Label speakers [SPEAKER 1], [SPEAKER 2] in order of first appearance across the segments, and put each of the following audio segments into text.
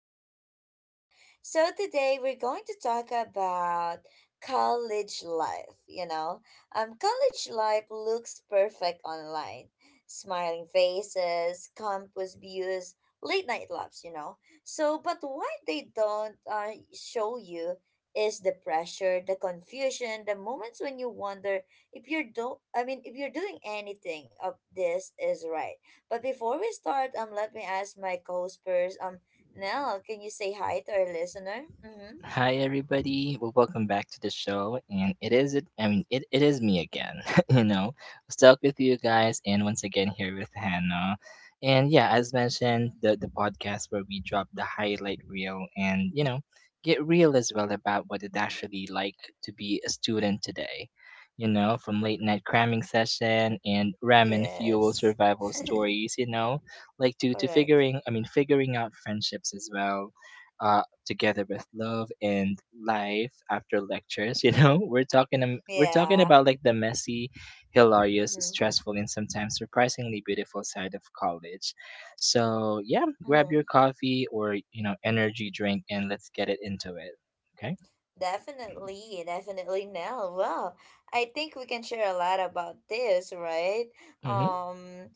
[SPEAKER 1] podcast with Nell. So, today we're going to talk about college life. College life looks perfect online, smiling faces, campus views, late night labs. So, but what they don't show you is the pressure, the confusion, the moments when you wonder if you're do I mean if you're doing anything of this is right. But before we start, let me ask my co-spurs, Nell, can you say hi to our listener? Mm-hmm.
[SPEAKER 2] Hi everybody. Well, welcome back to the show. And it is it I mean it, it is me again, you know. Stuck with you guys and once again here with Hannah. And yeah, as mentioned,
[SPEAKER 1] Mm-hmm.
[SPEAKER 2] the podcast where we drop the highlight reel and, you know, get real as well about what it actually like to be a student today. You know, from late night cramming session and ramen fuel
[SPEAKER 1] Yes.
[SPEAKER 2] survival stories, you know, like to
[SPEAKER 1] Correct.
[SPEAKER 2] figuring I mean figuring out friendships as well. Uh, Together with love and life after lectures. You know, we're talking
[SPEAKER 1] Yeah.
[SPEAKER 2] about like the messy, hilarious,
[SPEAKER 1] Mm-hmm.
[SPEAKER 2] stressful, and sometimes surprisingly beautiful side of college. So yeah, grab
[SPEAKER 1] Mm-hmm.
[SPEAKER 2] your coffee or you know energy drink and let's get it into it. Okay.
[SPEAKER 1] Definitely, definitely no. Well, I think we can share a lot about this, right?
[SPEAKER 2] Mm-hmm.
[SPEAKER 1] Um,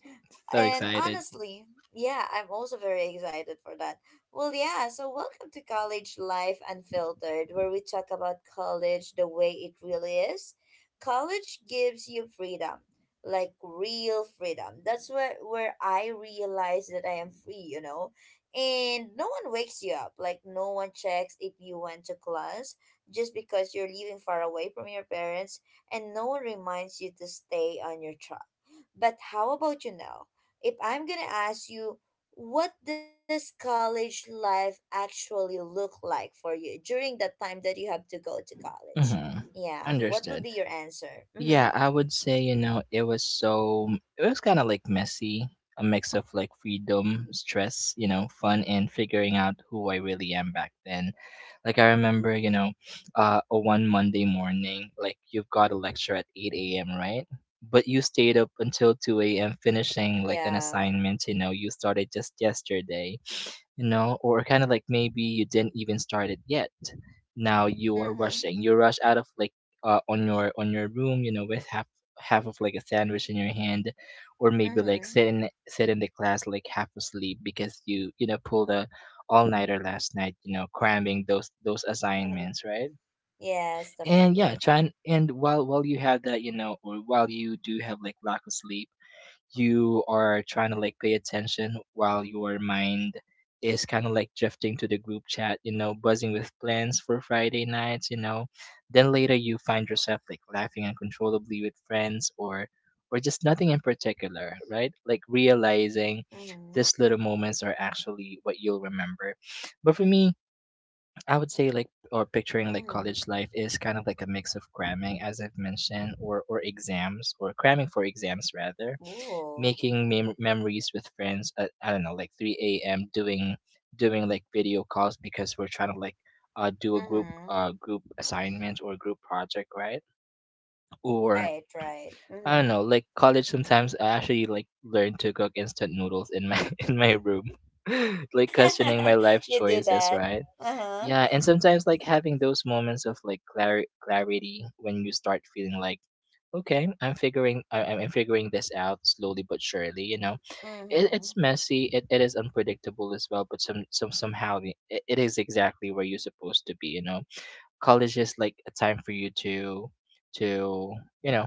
[SPEAKER 2] So
[SPEAKER 1] and
[SPEAKER 2] excited.
[SPEAKER 1] honestly, yeah, I'm also very excited for that. Well, yeah, so welcome to College Life Unfiltered, where we talk about college the way it really is. College gives you freedom, like real freedom. That's where I realize that I am free, you know? And no one wakes you up, like no one checks if you went to class just because you're living far away from your parents and no one reminds you to stay on your track. But how about you now? If I'm gonna ask you, what does college life actually look like for you during that time that you have to go to college?
[SPEAKER 2] Mm-hmm.
[SPEAKER 1] Yeah, what would be
[SPEAKER 2] Understood.
[SPEAKER 1] your answer? Mm-hmm.
[SPEAKER 2] Yeah, I would say, you know, it was so, it was kind of like messy, a mix of like freedom, stress, you know, fun, and figuring out who I really am back then. Like, I remember, you know, a one Monday morning, like, you've got a lecture at 8 a.m., right? But you stayed up until 2 a.m. finishing like an
[SPEAKER 1] Yeah.
[SPEAKER 2] assignment, you know, you started just yesterday, you know, or kind of like maybe you didn't even start it yet. Now you are
[SPEAKER 1] Mm-hmm.
[SPEAKER 2] rushing. You rush out of like on your room, you know, with half of like a sandwich in your hand, or maybe like
[SPEAKER 1] Mm-hmm.
[SPEAKER 2] sit in the class like half asleep because you know pulled a all nighter last night, you know, cramming those assignments, right?
[SPEAKER 1] Yes,
[SPEAKER 2] And yeah,
[SPEAKER 1] definitely.
[SPEAKER 2] try and while you have that, you know, or while you do have like lack of sleep, you are trying to like pay attention while your mind is kind of like drifting to the group chat, you know, buzzing with plans for Friday nights, you know. Then later you find yourself like laughing uncontrollably with friends or just nothing in particular, right? Like realizing
[SPEAKER 1] Mm-hmm.
[SPEAKER 2] these little moments are actually what you'll remember. But for me, I would say like or picturing like
[SPEAKER 1] Mm-hmm.
[SPEAKER 2] college life is kind of like a mix of cramming as I've mentioned or exams or cramming for exams rather,
[SPEAKER 1] Ooh.
[SPEAKER 2] memories with friends at I don't know like 3 a.m. doing like video calls because we're trying to like uh do a group
[SPEAKER 1] Mm-hmm.
[SPEAKER 2] uh group assignment or group project, right? Or
[SPEAKER 1] Right, right.
[SPEAKER 2] I don't
[SPEAKER 1] Mm-hmm.
[SPEAKER 2] know like college sometimes I actually like learn to cook instant noodles in my in my room, like questioning my life
[SPEAKER 1] You do
[SPEAKER 2] choices,
[SPEAKER 1] that.
[SPEAKER 2] right?
[SPEAKER 1] Uh-huh.
[SPEAKER 2] Yeah, and sometimes like having those moments of like clarity when you start feeling like okay, I'm figuring this out slowly but surely, you know. it,
[SPEAKER 1] Mm-hmm.
[SPEAKER 2] it's messy, it is unpredictable as well, but somehow it is exactly where you're supposed to be, you know. College is like a time for you to you know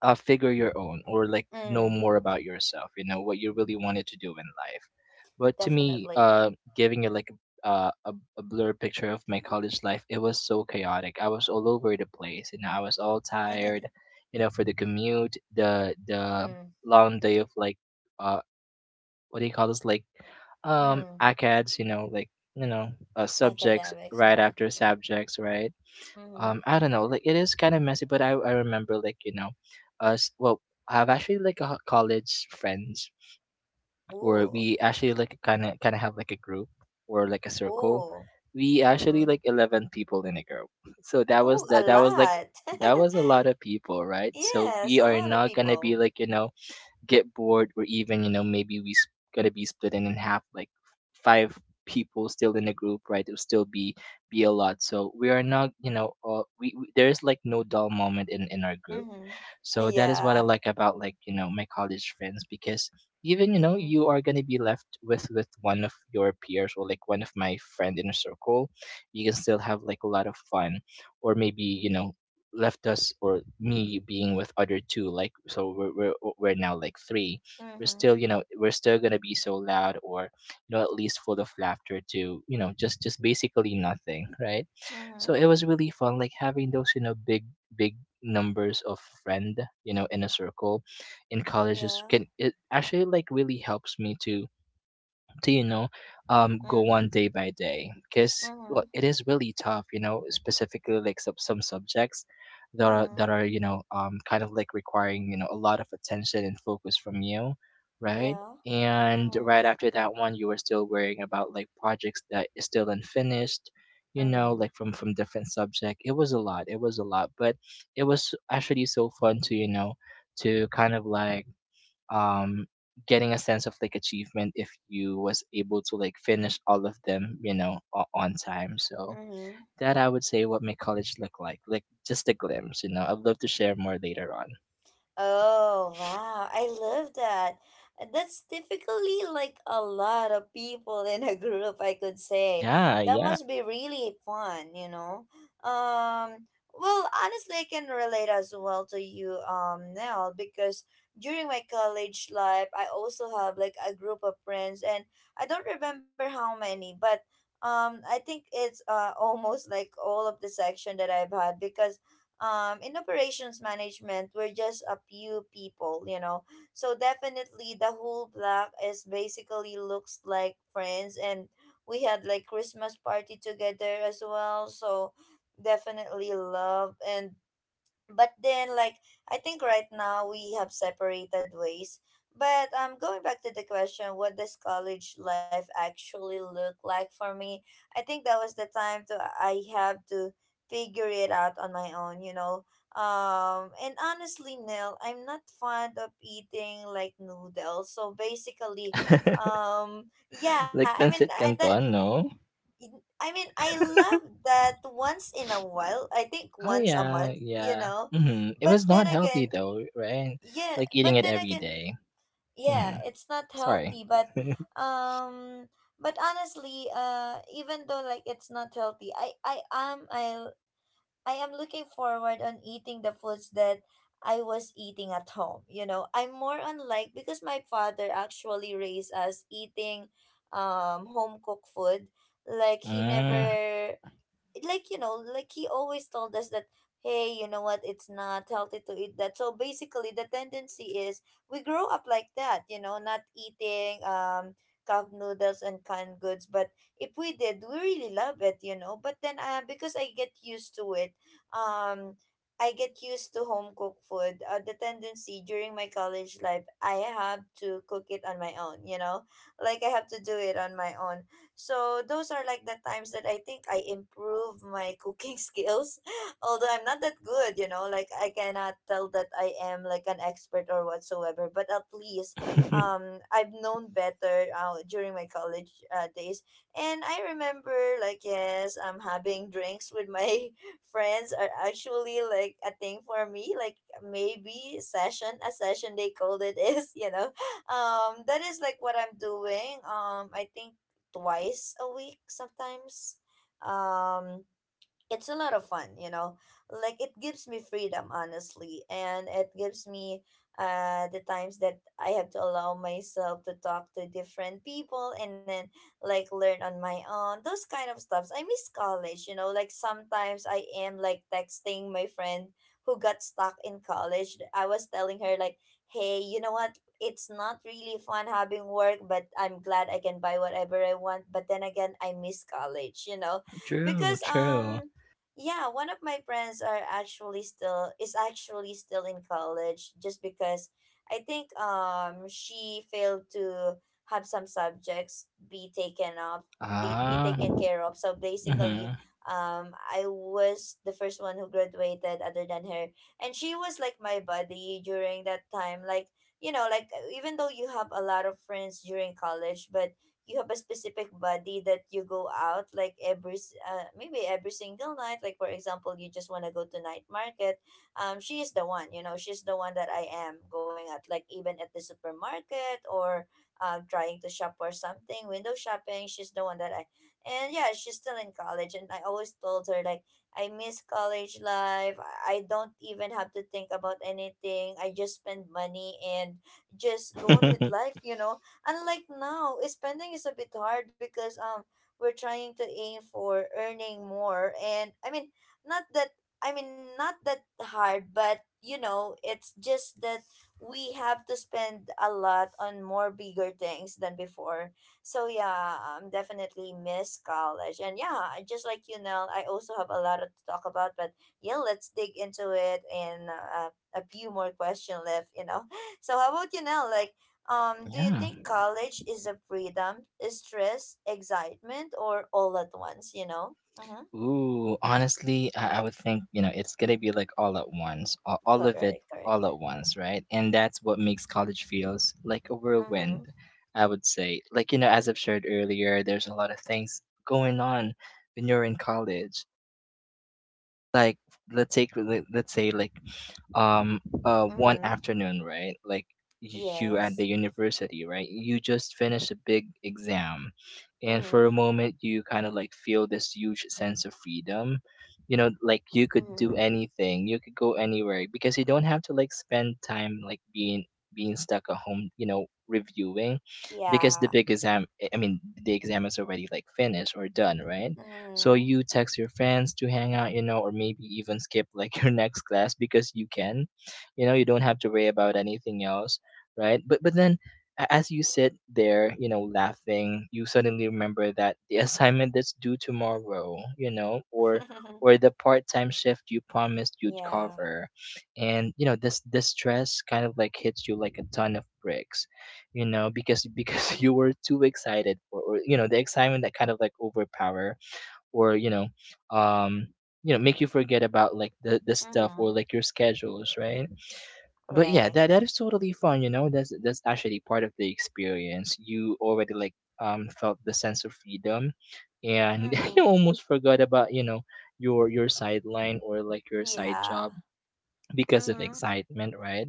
[SPEAKER 2] figure your own or like know
[SPEAKER 1] Mm,
[SPEAKER 2] more about yourself, you know, what you really wanted to do in life. But to me
[SPEAKER 1] definitely.
[SPEAKER 2] uh giving it like uh, a, a blurred picture of my college life, it was so chaotic. I was all over the place, you know. I was all tired, you know, for the commute, the
[SPEAKER 1] Mm,
[SPEAKER 2] long day of like uh, what do you call this, like
[SPEAKER 1] mm.
[SPEAKER 2] acads, you know, like you know subjects
[SPEAKER 1] Academics,
[SPEAKER 2] right
[SPEAKER 1] yeah.
[SPEAKER 2] after subjects, right?
[SPEAKER 1] Mm-hmm.
[SPEAKER 2] I don't know, like it is kind of messy, but I remember like, you know, us, well, I have actually like a college friends where
[SPEAKER 1] Ooh,
[SPEAKER 2] we actually like kind of have like a group or like a circle.
[SPEAKER 1] ooh.
[SPEAKER 2] We actually
[SPEAKER 1] Mm-hmm.
[SPEAKER 2] like 11 people in a group. So that was
[SPEAKER 1] Oh, a
[SPEAKER 2] that was like
[SPEAKER 1] lot.
[SPEAKER 2] that was a lot of people, right? So
[SPEAKER 1] Yes,
[SPEAKER 2] we
[SPEAKER 1] a
[SPEAKER 2] are
[SPEAKER 1] lot of
[SPEAKER 2] not gonna be
[SPEAKER 1] people.
[SPEAKER 2] like, you know, get bored, or even you know maybe gotta be split in half like five people still in the group, right? It'll still be a lot. So we are not, you know, we there's like no dull moment in our group.
[SPEAKER 1] Mm-hmm.
[SPEAKER 2] So that is what I
[SPEAKER 1] Yeah.
[SPEAKER 2] like about like, you know, my college friends, because even, you know,
[SPEAKER 1] Mm,
[SPEAKER 2] you are gonna be left with one of your peers or like one of my friend in a circle, you can still have like a lot of fun. Or maybe, you know, left us or me being with other two, like so we're now like three. We're
[SPEAKER 1] mm-hmm.
[SPEAKER 2] still, you know, we're still gonna be so loud, or you know at least full of laughter to you know just basically nothing, right? So
[SPEAKER 1] Mm-hmm.
[SPEAKER 2] it was really fun like having those you know big numbers of friend, you know, in a circle in college is
[SPEAKER 1] Yeah.
[SPEAKER 2] can it actually like really helps me to you know go
[SPEAKER 1] Mm,
[SPEAKER 2] on day by day, because well,
[SPEAKER 1] mm-hmm.
[SPEAKER 2] it is really tough, you know, specifically like some subjects
[SPEAKER 1] Mm-hmm.
[SPEAKER 2] that are you know kind of like requiring you know a lot of attention and focus from you, right?
[SPEAKER 1] Yeah.
[SPEAKER 2] And
[SPEAKER 1] Mm-hmm.
[SPEAKER 2] right after that one you were still worrying about like projects that is still unfinished, you know,
[SPEAKER 1] Mm-hmm.
[SPEAKER 2] like from different subject. It was a lot, it was a lot, but it was actually so fun to you know to kind of like um getting a sense of like achievement if you was able to like finish all of them, you know, on time. So
[SPEAKER 1] Mm-hmm.
[SPEAKER 2] that I would say what my college looked like just a glimpse, you know, I'd love to share more later on.
[SPEAKER 1] Oh, wow. I love that. And that's typically like a lot of people in a group, I could say.
[SPEAKER 2] Yeah,
[SPEAKER 1] That
[SPEAKER 2] yeah.
[SPEAKER 1] must be really fun, you know? Um, well, honestly, I can relate as well to you, Nell, because during my college life, I also have like a group of friends, and I don't remember how many, but I think it's almost like all of the section that I've had because in operations management, we're just a few people. So definitely the whole block is basically looks like friends and we had like Christmas party together as well. So definitely love. And but then like, I think right now we have separated ways. But going back to the question, what does college life actually look like for me? I think that was the time to I have to figure it out on my own, and honestly, nil, I'm not fond of eating like noodles. So basically, yeah, i
[SPEAKER 2] Like
[SPEAKER 1] mean I,
[SPEAKER 2] pancit
[SPEAKER 1] that
[SPEAKER 2] canton, no?
[SPEAKER 1] in- I mean, I love that once in a while. I think
[SPEAKER 2] Oh,
[SPEAKER 1] once a month,
[SPEAKER 2] yeah,
[SPEAKER 1] you
[SPEAKER 2] yeah.
[SPEAKER 1] know.
[SPEAKER 2] Hmm, it
[SPEAKER 1] But
[SPEAKER 2] was
[SPEAKER 1] then
[SPEAKER 2] not healthy
[SPEAKER 1] again,
[SPEAKER 2] though, right?
[SPEAKER 1] yeah,
[SPEAKER 2] Like eating
[SPEAKER 1] but
[SPEAKER 2] it
[SPEAKER 1] then
[SPEAKER 2] every
[SPEAKER 1] again,
[SPEAKER 2] day.
[SPEAKER 1] yeah,
[SPEAKER 2] Mm-hmm.
[SPEAKER 1] it's not
[SPEAKER 2] Sorry.
[SPEAKER 1] healthy, um but honestly, even though like it's not healthy, I am looking forward on eating the foods that I was eating at home, you know. I'm more on like because my father actually raised us eating home cooked food. Like he
[SPEAKER 2] Mm.
[SPEAKER 1] never, like, like he always told us that, hey, you know what, it's not healthy to eat that. So basically, the tendency is we grow up like that, not eating cup noodles and canned goods. But if we did, we really love it, but then, because I get used to it, um I get used to home cooked food. The tendency during my college life, I have to cook it on my own, like I have to do it on my own. So those are like the times that I think I improve my cooking skills. Although I'm not that good, you know, like I cannot tell that I am like an expert or whatsoever, but at least I've known better during my college days. And I remember like yes, I'm having drinks with my friends are actually like a thing for me, like maybe session, a session they called it is, that is like what I'm doing. I think twice a week sometimes. Um, it's a lot of fun, you know. Like it gives me freedom, honestly, and it gives me the times that I have to allow myself to talk to different people and then like learn on my own. Those kind of stuffs. I miss college. Like sometimes I am like texting my friend who got stuck in college. I was telling her like, "Hey, you know what? It's not really fun having work, but I'm glad I can buy whatever I want. But then again, I miss college, you know."
[SPEAKER 2] True,
[SPEAKER 1] Because
[SPEAKER 2] true.
[SPEAKER 1] yeah, one of my friends are actually still is actually still in college just because I think she failed to have some subjects be
[SPEAKER 2] Ah.
[SPEAKER 1] taken care of. So
[SPEAKER 2] Mm-hmm.
[SPEAKER 1] basically, I was the first one who graduated other than her. And she was like my buddy during that time. Like, you know, like even though you have a lot of friends during college, but you have a specific buddy that you go out like maybe every single night, like for example you just want to go to night market. She is the one. She's the one that I am going at, like even at the supermarket or trying to shop for something, window shopping, she's the one that I and yeah, she's still in college. And I always told her like I miss college life, I don't even have to think about anything, I just spend money and just go on with life. Unlike now, spending is a bit hard because we're trying to aim for earning more and I mean not that not that hard, but it's just that we have to spend a lot on more bigger things than before. So yeah, definitely miss college. And yeah, just like you Nell, I also have a lot to talk about, but yeah, let's dig into it in a few more question left. So how about you now? Like do you
[SPEAKER 2] Yeah.
[SPEAKER 1] think college is a freedom, stress, excitement, or all at once, you know? Mm-hmm.
[SPEAKER 2] Ooh, honestly, I would think, you know, it's gonna be like all at once, all of it
[SPEAKER 1] Correct, correct.
[SPEAKER 2] all at once, right? And that's what makes college feels like a
[SPEAKER 1] Mm-hmm.
[SPEAKER 2] whirlwind, I would say. Like, you know, as I've shared earlier, there's a lot of things going on when you're in college. Like, let's say, like um one
[SPEAKER 1] Mm-hmm.
[SPEAKER 2] afternoon, right? Like y- you at
[SPEAKER 1] Yes.
[SPEAKER 2] the university, right? You just finished a big exam, and for
[SPEAKER 1] Mm-hmm.
[SPEAKER 2] a moment you kind of like feel this huge sense of freedom, you know, like you could do
[SPEAKER 1] Mm-hmm.
[SPEAKER 2] anything, you could go anywhere, because you don't have to like spend time like being stuck at home, you know, reviewing, because the
[SPEAKER 1] Yeah.
[SPEAKER 2] big exam I mean the exam is already like finished or done, right? So
[SPEAKER 1] Mm-hmm.
[SPEAKER 2] you text your friends to hang out, you know, or maybe even skip like your next class because you can. You know, you don't have to worry about anything else, right? But then as you sit there, you know, laughing, you suddenly remember that the assignment that's due tomorrow, you know, or the part-time shift you promised you'd
[SPEAKER 1] Yeah.
[SPEAKER 2] cover. And you know, this stress kind of like hits you like a ton of bricks, you know, because you were too excited for, or you know, the excitement that kind of like overpower, or um you know make you forget about like the stuff or
[SPEAKER 1] Mm-hmm.
[SPEAKER 2] like your schedules, right? But yeah,
[SPEAKER 1] Correct.
[SPEAKER 2] that that is totally fun, you know, that's actually part of the experience. You already like felt the sense of freedom, and you
[SPEAKER 1] Mm-hmm.
[SPEAKER 2] almost forgot about you know your sideline or like your side
[SPEAKER 1] Yeah.
[SPEAKER 2] job because of
[SPEAKER 1] Mm-hmm.
[SPEAKER 2] excitement, right?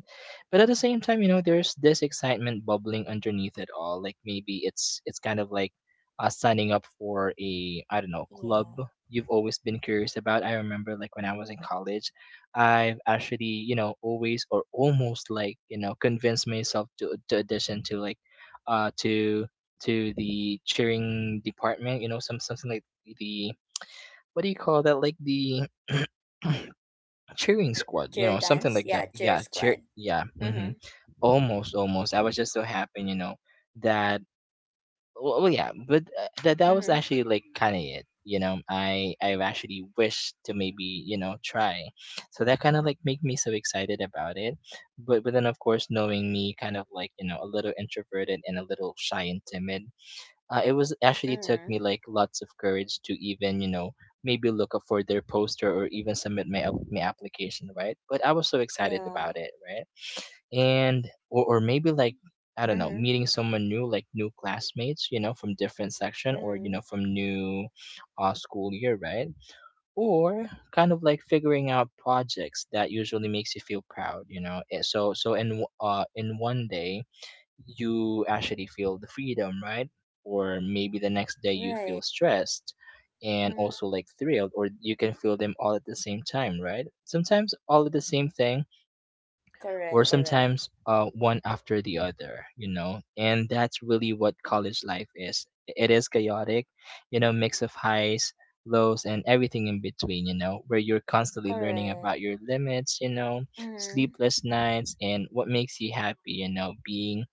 [SPEAKER 2] But at the same time, you know, there's this excitement bubbling underneath it all. Like maybe it's kind of like signing up for a I don't know club
[SPEAKER 1] Yeah.
[SPEAKER 2] you've always been curious about. I remember like when I was in college, I've actually you know always or almost like you know convinced myself to audition to like uh to to the cheering department. You know, some something like the what do you call that? Like the cheering
[SPEAKER 1] Cheer
[SPEAKER 2] squad, you
[SPEAKER 1] cheer
[SPEAKER 2] know, something
[SPEAKER 1] dance.
[SPEAKER 2] like
[SPEAKER 1] Yeah,
[SPEAKER 2] that.
[SPEAKER 1] cheer
[SPEAKER 2] Yeah, cheer.
[SPEAKER 1] squad.
[SPEAKER 2] Yeah,
[SPEAKER 1] Mm-hmm.
[SPEAKER 2] hmm, almost, almost. I was just so happy, you know, that. Well, yeah, but that that was
[SPEAKER 1] Mm-hmm.
[SPEAKER 2] actually like kind of it. You know, I actually wished to maybe you know try, so that kind of like made me so excited about it. But then of course knowing me, kind of like you know a little introverted and a little shy and timid, it was actually took
[SPEAKER 1] Mm-hmm.
[SPEAKER 2] me like lots of courage to even you know maybe look up for their poster or even submit my application, right? But I was so excited
[SPEAKER 1] Yeah.
[SPEAKER 2] about it, right? And or maybe like I don't know,
[SPEAKER 1] Mm-hmm.
[SPEAKER 2] meeting someone new, like new classmates, you know, from different section, or you
[SPEAKER 1] Mm-hmm.
[SPEAKER 2] know, from new school year, right? Or kind of like figuring out projects that usually makes you feel proud, you know. So in one day you actually feel the freedom, right? Or maybe the next day you feel
[SPEAKER 1] Right.
[SPEAKER 2] stressed and also
[SPEAKER 1] Mm-hmm.
[SPEAKER 2] like thrilled, or you can feel them all at the same time, right? Sometimes all of the same thing, or
[SPEAKER 1] Correct, correct.
[SPEAKER 2] sometimes one after the other, you know? And that's really what college life is. It is chaotic, you know, mix of highs, lows, and everything in between, you know, where you're constantly learning
[SPEAKER 1] Correct.
[SPEAKER 2] about your limits, you know,
[SPEAKER 1] Mm-hmm.
[SPEAKER 2] sleepless nights, and what makes you happy, you know, being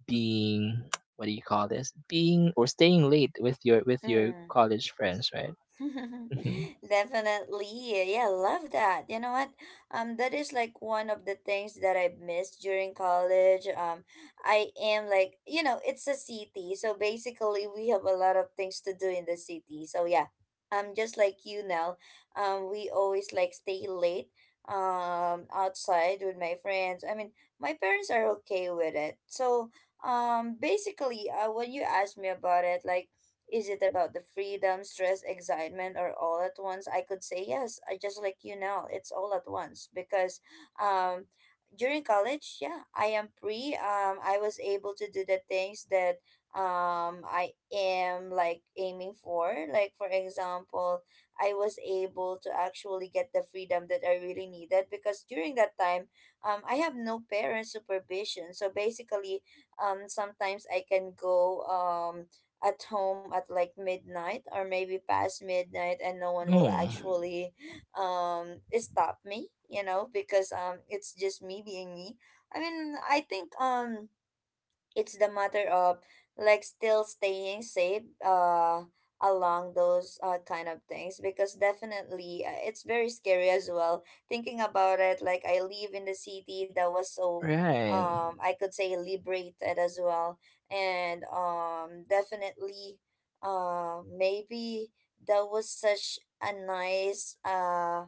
[SPEAKER 2] being what do you call this, being or staying late with your
[SPEAKER 1] Mm.
[SPEAKER 2] college friends, right? Hmm.
[SPEAKER 1] Definitely. Yeah, love that. You know what? That is like one of the things that I missed during college. I am like, it's a city. So basically we have a lot of things to do in the city. So yeah. Just like you now, we always like stay late outside with my friends. I mean, my parents are okay with it. So basically, when you ask me about it, like, is it about the freedom, stress, excitement, or all at once? I could say yes. I, just like you now. It's all at once because um, during college, yeah, I am free. I was able to do the things that I am like aiming for. Like for example, I was able to actually get the freedom that I really needed because during that time, I have no parent supervision. So basically, sometimes I can go at home at like midnight or maybe past midnight, and no one will
[SPEAKER 2] Oh,
[SPEAKER 1] actually stop me because it's just me being me. I mean, I think it's the matter of like still staying safe along those kind of things because definitely it's very scary as well thinking about it. Like I live in the city that was so
[SPEAKER 2] right.
[SPEAKER 1] I could say liberated as well. And definitely maybe that was such a nice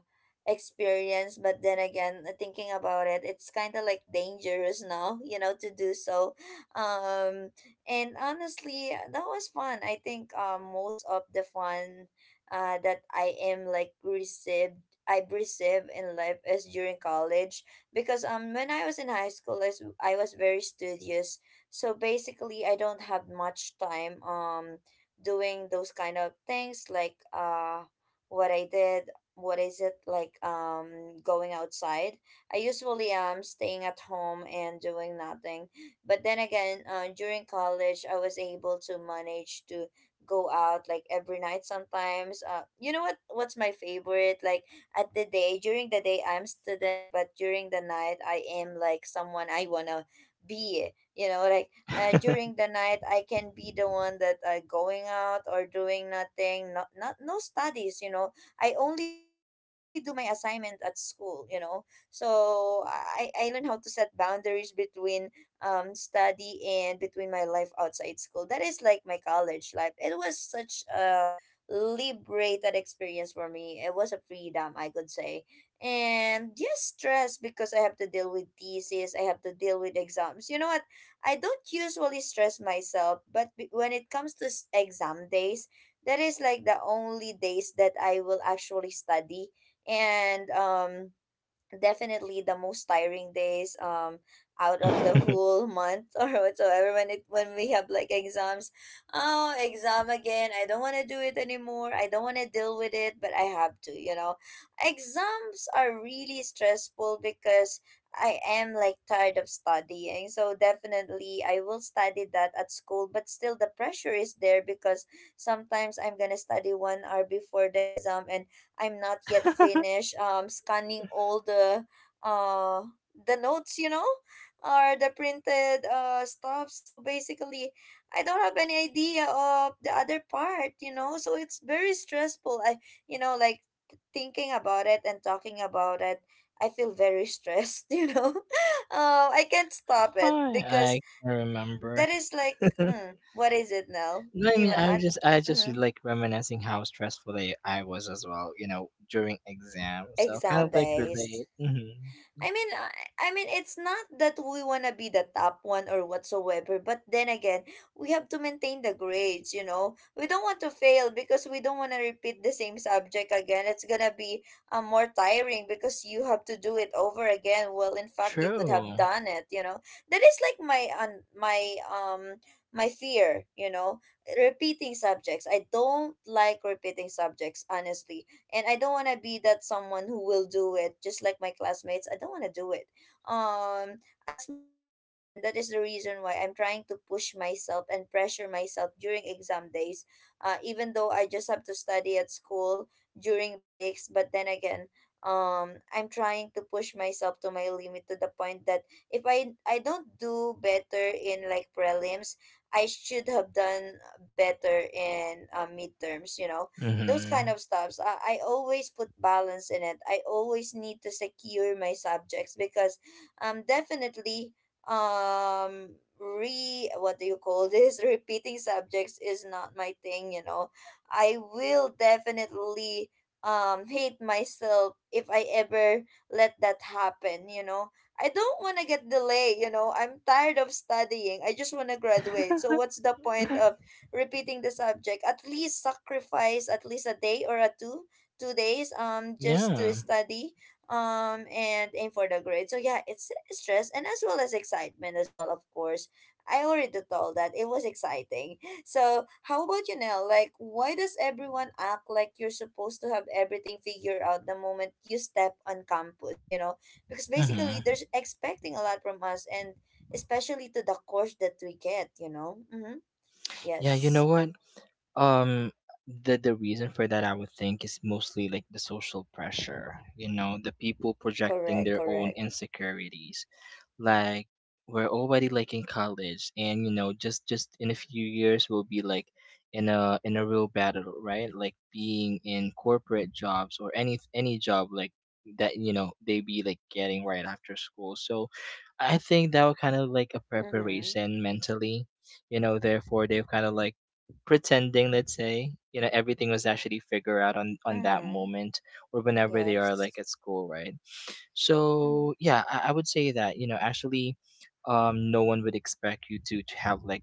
[SPEAKER 1] experience. But then again, thinking about it's kind of like dangerous now to do so. Um and honestly, that was fun. I think most of the fun that I received in life is during college because when I was in high school, I was very studious. So basically I don't have much time doing those kind of things like what I did what is it like going outside. I usually am staying at home and doing nothing. But then again, during college, I was able to manage to go out like every night sometimes. You know what? What's my favorite? Like during the day, I'm student, but during the night, I am like someone I wanna be. Like, during the night, I can be the one that going out or doing nothing, not no studies. You know, I only do my assignment at school. You know, so I learned how to set boundaries between study and between my life outside school. That is like my college life. It was such a liberated experience for me. It was a freedom, I could say, and just stress because I have to deal with thesis, I have to deal with exams. You know what, I don't usually stress myself, but when it comes to exam days, that is like the only days that I will actually study. And definitely the most tiring days, out of the
[SPEAKER 2] i
[SPEAKER 1] whole month or whatsoever, when it when we have like exams. Oh, exam again, I don't want to do it anymore, I don't want to deal with it, but I have to, you know. Exams are really stressful because I am like tired of studying, so definitely I will study that at school, but still the pressure is there because sometimes I'm gonna study 1 hour before the exam, and I'm not yet finished scanning all uh the notes, you know, or the printed stuff. So basically, I don't have any idea of the other part, you know. So it's very stressful. I like thinking about it and talking about it. I feel very stressed, you know. I can't stop it because
[SPEAKER 2] I can't remember.
[SPEAKER 1] that is like, what is it now?
[SPEAKER 2] No, I
[SPEAKER 1] Do you
[SPEAKER 2] mean,
[SPEAKER 1] want to
[SPEAKER 2] i was
[SPEAKER 1] add?
[SPEAKER 2] just i just
[SPEAKER 1] Mm-hmm.
[SPEAKER 2] like reminiscing how stressful I was as well, you know, during exams, so kind
[SPEAKER 1] Exam
[SPEAKER 2] of like
[SPEAKER 1] days.
[SPEAKER 2] relate. Hmm.
[SPEAKER 1] I mean, I, I mean, it's not that we wanna be the top one or whatsoever, but then again, we have to maintain the grades. You know, we don't want to fail because we don't wanna repeat the same subject again. It's gonna be more tiring because you have to do it over again. Well, in fact, you could have
[SPEAKER 2] True.
[SPEAKER 1] done it. You know, that is like my my fear. You know, repeating subjects. I don't like repeating subjects, honestly, and I don't want to be that someone who will do it just like my classmates. I don't want to do it. Um as much as I can, that is the reason why I'm trying to push myself and pressure myself during exam days. Even though I just have to study at school during breaks, but then again, I'm trying to push myself to my limit to the point that if I don't do better in like prelims, I should have done better in midterms, you know, those kind
[SPEAKER 2] Hmm.
[SPEAKER 1] of stuffs. I always put balance in it. I always need to secure my subjects because definitely, re what do you call this, repeating subjects is not my thing, you know. I will definitely hate myself if I ever let that happen, you know. I don't want to get delay, you know. I'm tired of studying, I just want to graduate, so what's the point of repeating the subject? At least sacrifice at least a day or a two two days, just to
[SPEAKER 2] Yeah.
[SPEAKER 1] study and aim for the grade. So yeah, it's stress and as well as excitement as well, of course. I already told that it was exciting. So how about you now? Like, why does everyone act like you're supposed to have everything figured out the moment you step on campus, you know? Because basically
[SPEAKER 2] Hmm.
[SPEAKER 1] they're expecting a lot from us, and especially to the course that we get, you know. Mm-hmm.
[SPEAKER 2] Yeah, you know
[SPEAKER 1] Yes.
[SPEAKER 2] what? Um, the reason for that, I would think, is mostly like the social pressure, you know, the people projecting
[SPEAKER 1] Correct,
[SPEAKER 2] their own
[SPEAKER 1] correct.
[SPEAKER 2] insecurities. Like, we're already like in college, and you know, just in a few years, we'll be like in a real battle, right? Like being in corporate jobs or any job like that, you know, they be like getting right after school. So I think that was kind of like a
[SPEAKER 1] Mm-hmm.
[SPEAKER 2] preparation mentally, you know, therefore they've kind of like pretending, let's say, you know, everything was actually figured out on that
[SPEAKER 1] Mm-hmm.
[SPEAKER 2] moment, or whenever they are like
[SPEAKER 1] Yes.
[SPEAKER 2] at school, right? So
[SPEAKER 1] Mm-hmm.
[SPEAKER 2] yeah, I would say that, you know, actually, no one would expect you to have like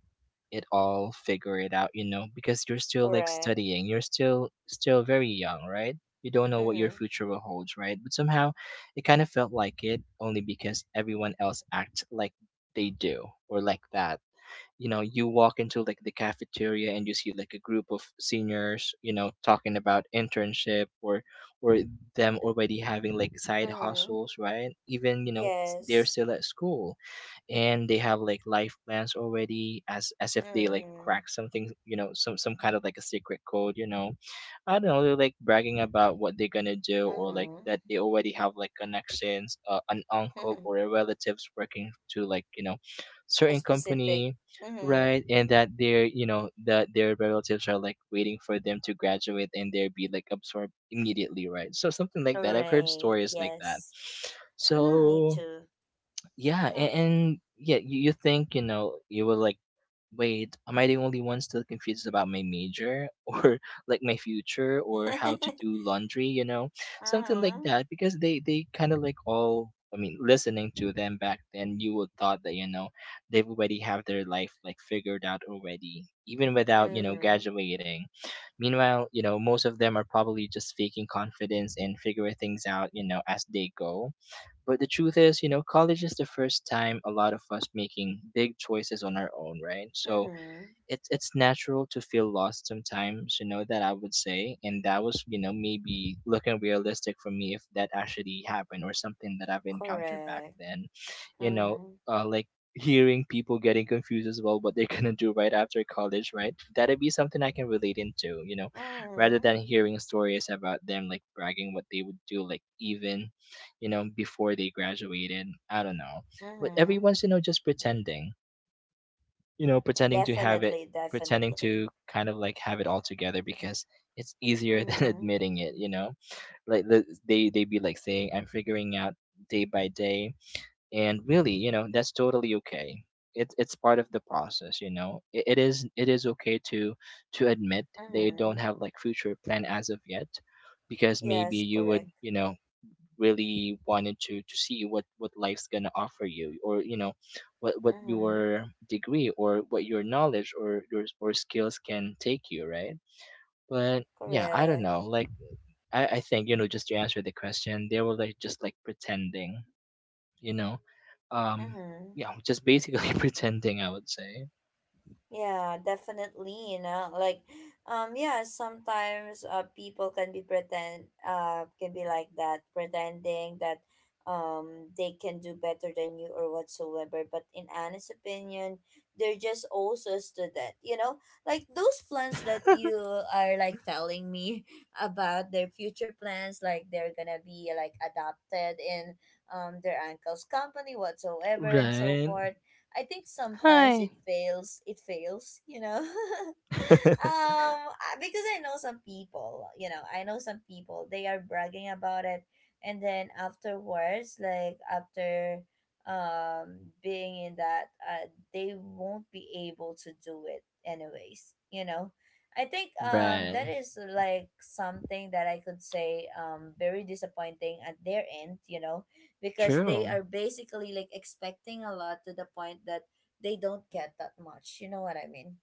[SPEAKER 2] it all figure it out, you know, because you're still like
[SPEAKER 1] Correct.
[SPEAKER 2] studying, you're still very young, right? You don't know what your
[SPEAKER 1] Mm-hmm.
[SPEAKER 2] future will hold, right? But somehow it kind of felt like it only because everyone else act like they do, or like that, you know, you walk into like the cafeteria and you see like a group of seniors, you know, talking about internship, or or them already having like side
[SPEAKER 1] Mm-hmm.
[SPEAKER 2] hustles, right? Even, you know, they're
[SPEAKER 1] Yes.
[SPEAKER 2] still at school, and they have like life plans already, as if they like
[SPEAKER 1] Mm-hmm.
[SPEAKER 2] crack something, you know, some kind of like a secret code, you know. I don't know, they're like bragging about what they're gonna do, or like
[SPEAKER 1] Mm-hmm.
[SPEAKER 2] that they already have like connections, an uncle or a relatives working to, like, you know,
[SPEAKER 1] A
[SPEAKER 2] certain
[SPEAKER 1] specific.
[SPEAKER 2] company,
[SPEAKER 1] Mm-hmm.
[SPEAKER 2] right? And that they're, you know, that their relatives are like waiting for them to graduate and they'll be like absorbed immediately, right? So something like that. I've heard
[SPEAKER 1] Right.
[SPEAKER 2] stories like that.
[SPEAKER 1] Yes. Mm-hmm. Me
[SPEAKER 2] So
[SPEAKER 1] too.
[SPEAKER 2] yeah, and,
[SPEAKER 1] Mm-hmm.
[SPEAKER 2] and yeah, you think, you know, you will like, wait, am I the only one still confused about my major or like my future or how to do laundry, you know? Something like
[SPEAKER 1] Mm-hmm.
[SPEAKER 2] that because they kind of like all, I mean, listening to them back then, you would thought that, you know, they've already have their life like figured out already, even without, you know,
[SPEAKER 1] Mm-hmm.
[SPEAKER 2] graduating. Meanwhile, you know, most of them are probably just faking confidence and figuring things out, you know, as they go. But the truth is, you know, college is the first time a lot of us making big choices on our own, right? So
[SPEAKER 1] Mm-hmm.
[SPEAKER 2] it's natural to feel lost sometimes, you know, that I would say. And that was, you know, maybe looking realistic for me if that actually happened, or something that I've encountered back
[SPEAKER 1] Correct.
[SPEAKER 2] then, you know,
[SPEAKER 1] Mm-hmm.
[SPEAKER 2] like hearing people getting confused as well, what they're gonna do right after college, right? That'd be something I can relate into, you know, rather
[SPEAKER 1] Mm-hmm.
[SPEAKER 2] than hearing stories about them like bragging what they would do, like, even, you know, before they graduated. I don't know, but
[SPEAKER 1] Mm-hmm.
[SPEAKER 2] everyone's, you know, just pretending, you know, pretending to have it,
[SPEAKER 1] Definitely,
[SPEAKER 2] pretending
[SPEAKER 1] definitely.
[SPEAKER 2] to kind of like have it all together, because it's easier than
[SPEAKER 1] Mm-hmm.
[SPEAKER 2] admitting it, you know? Like, they be like saying, I'm figuring out day by day, and really, you know, that's totally okay. It's part of the process, you know. It is okay to admit they don't
[SPEAKER 1] Mm-hmm.
[SPEAKER 2] have like future plan as of yet, because maybe
[SPEAKER 1] Yes,
[SPEAKER 2] you would,
[SPEAKER 1] correct.
[SPEAKER 2] you know, really wanted to see what life's gonna offer you, or you know what what
[SPEAKER 1] Mm-hmm.
[SPEAKER 2] your degree or what your knowledge or your or skills can take you, right? But yeah, I don't
[SPEAKER 1] Correct.
[SPEAKER 2] know, like, I think, you know, just to answer the question, they were like just like pretending, you know. um
[SPEAKER 1] Mm-hmm.
[SPEAKER 2] yeah, just basically pretending, I would say.
[SPEAKER 1] Yeah, definitely, you know, like, yeah, sometimes, people can be like that, pretending that, they can do better than you or whatsoever. But in Anna's opinion, they're just also a student, you know, like those plans that you are like telling me about their future plans, like they're gonna be like adopted in, their uncle's company, whatsoever, and so
[SPEAKER 2] Right.
[SPEAKER 1] forth. I think sometimes
[SPEAKER 2] Hi.
[SPEAKER 1] it fails. It fails, you know. Because I know some people, they are bragging about it, and then afterwards, like, after being in that, they won't be able to do it anyways, you know. I think that
[SPEAKER 2] Right.
[SPEAKER 1] is like something that I could say, very disappointing at their end, you know, because they
[SPEAKER 2] True.
[SPEAKER 1] are basically like expecting a lot to the point that they don't get that much, you know what I mean.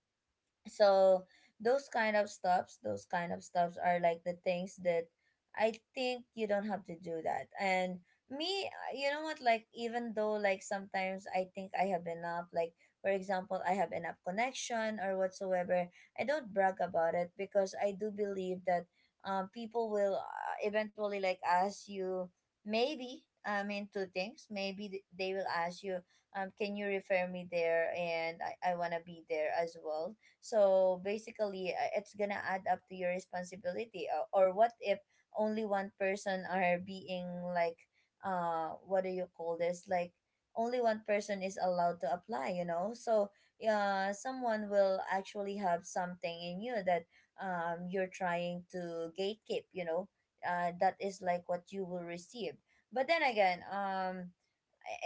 [SPEAKER 1] So those kind of stops are like the things that I think you don't have to do, that and me, you know what, like, even though like, sometimes I think I have enough, like, for example, I have enough connection or whatsoever, I don't brag about it because I do believe that people will, eventually like ask you. Maybe, I mean, two things. Maybe they will ask you, can you refer me there, and I want to be there as well. So basically, it's gonna add up to your responsibility. Or what if only one person are being like, what do you call this? Like, only one person is allowed to apply. You know, so yeah, someone will actually have something in you that you're trying to gatekeep. You know, that is like what you will receive. But then again,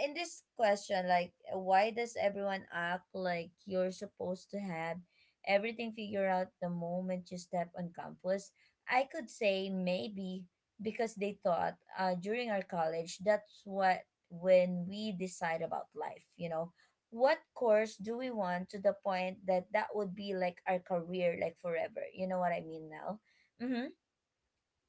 [SPEAKER 1] in this question, like, why does everyone act like you're supposed to have everything figured out the moment you step on campus? I could say, maybe because they thought, during our college, that's what when we decide about life, you know, what course do we want, to the point that that would be like our career, like, forever. You know what I mean now? Mm-hmm.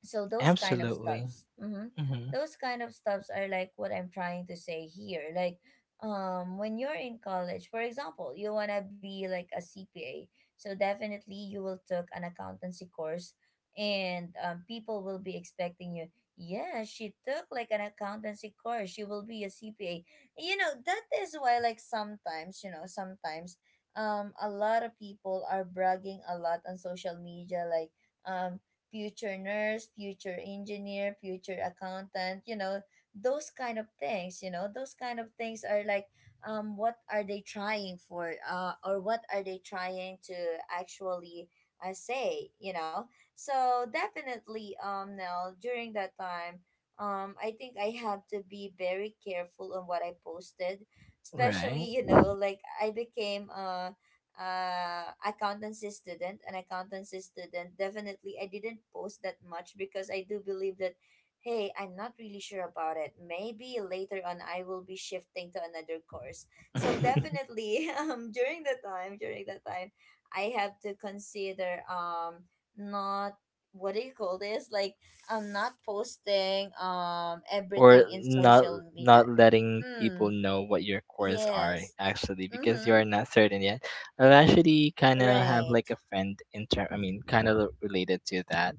[SPEAKER 1] So those kind of
[SPEAKER 2] Absolutely.
[SPEAKER 1] stuffs
[SPEAKER 2] Hmm.
[SPEAKER 1] are like what I'm trying to say here. Like, when you're in college, for example, you want to be like a CPA, so definitely you will took an accountancy course, and people will be expecting you, yeah, she took like an accountancy course, she will be a CPA. You know, that is why, like, sometimes, you know, sometimes a lot of people are bragging a lot on social media, like, um future nurse, future engineer, future accountant, you know, those kind of things. You know, those kind of things are like, what are they trying for, or what are they trying to actually, say, you know? So definitely, now, during that time, I think I have to be very careful on what I posted,
[SPEAKER 2] Right.
[SPEAKER 1] especially, you know, like, I became accountancy student an accountancy student. Definitely, I didn't post that much because I do believe that, hey, I'm not really sure about it, maybe later on I will be shifting to another course. So definitely, during the time during that time, I have to consider, not, what do you call this, like, I'm not posting
[SPEAKER 2] Or
[SPEAKER 1] everything in
[SPEAKER 2] not
[SPEAKER 1] social media.
[SPEAKER 2] not letting people
[SPEAKER 1] Mm.
[SPEAKER 2] know what your cores are,
[SPEAKER 1] Yes.
[SPEAKER 2] actually, because you are
[SPEAKER 1] Mm-hmm.
[SPEAKER 2] not certain yet. I actually kind of have
[SPEAKER 1] Right.
[SPEAKER 2] like a friend in term, I mean, kind of related to that,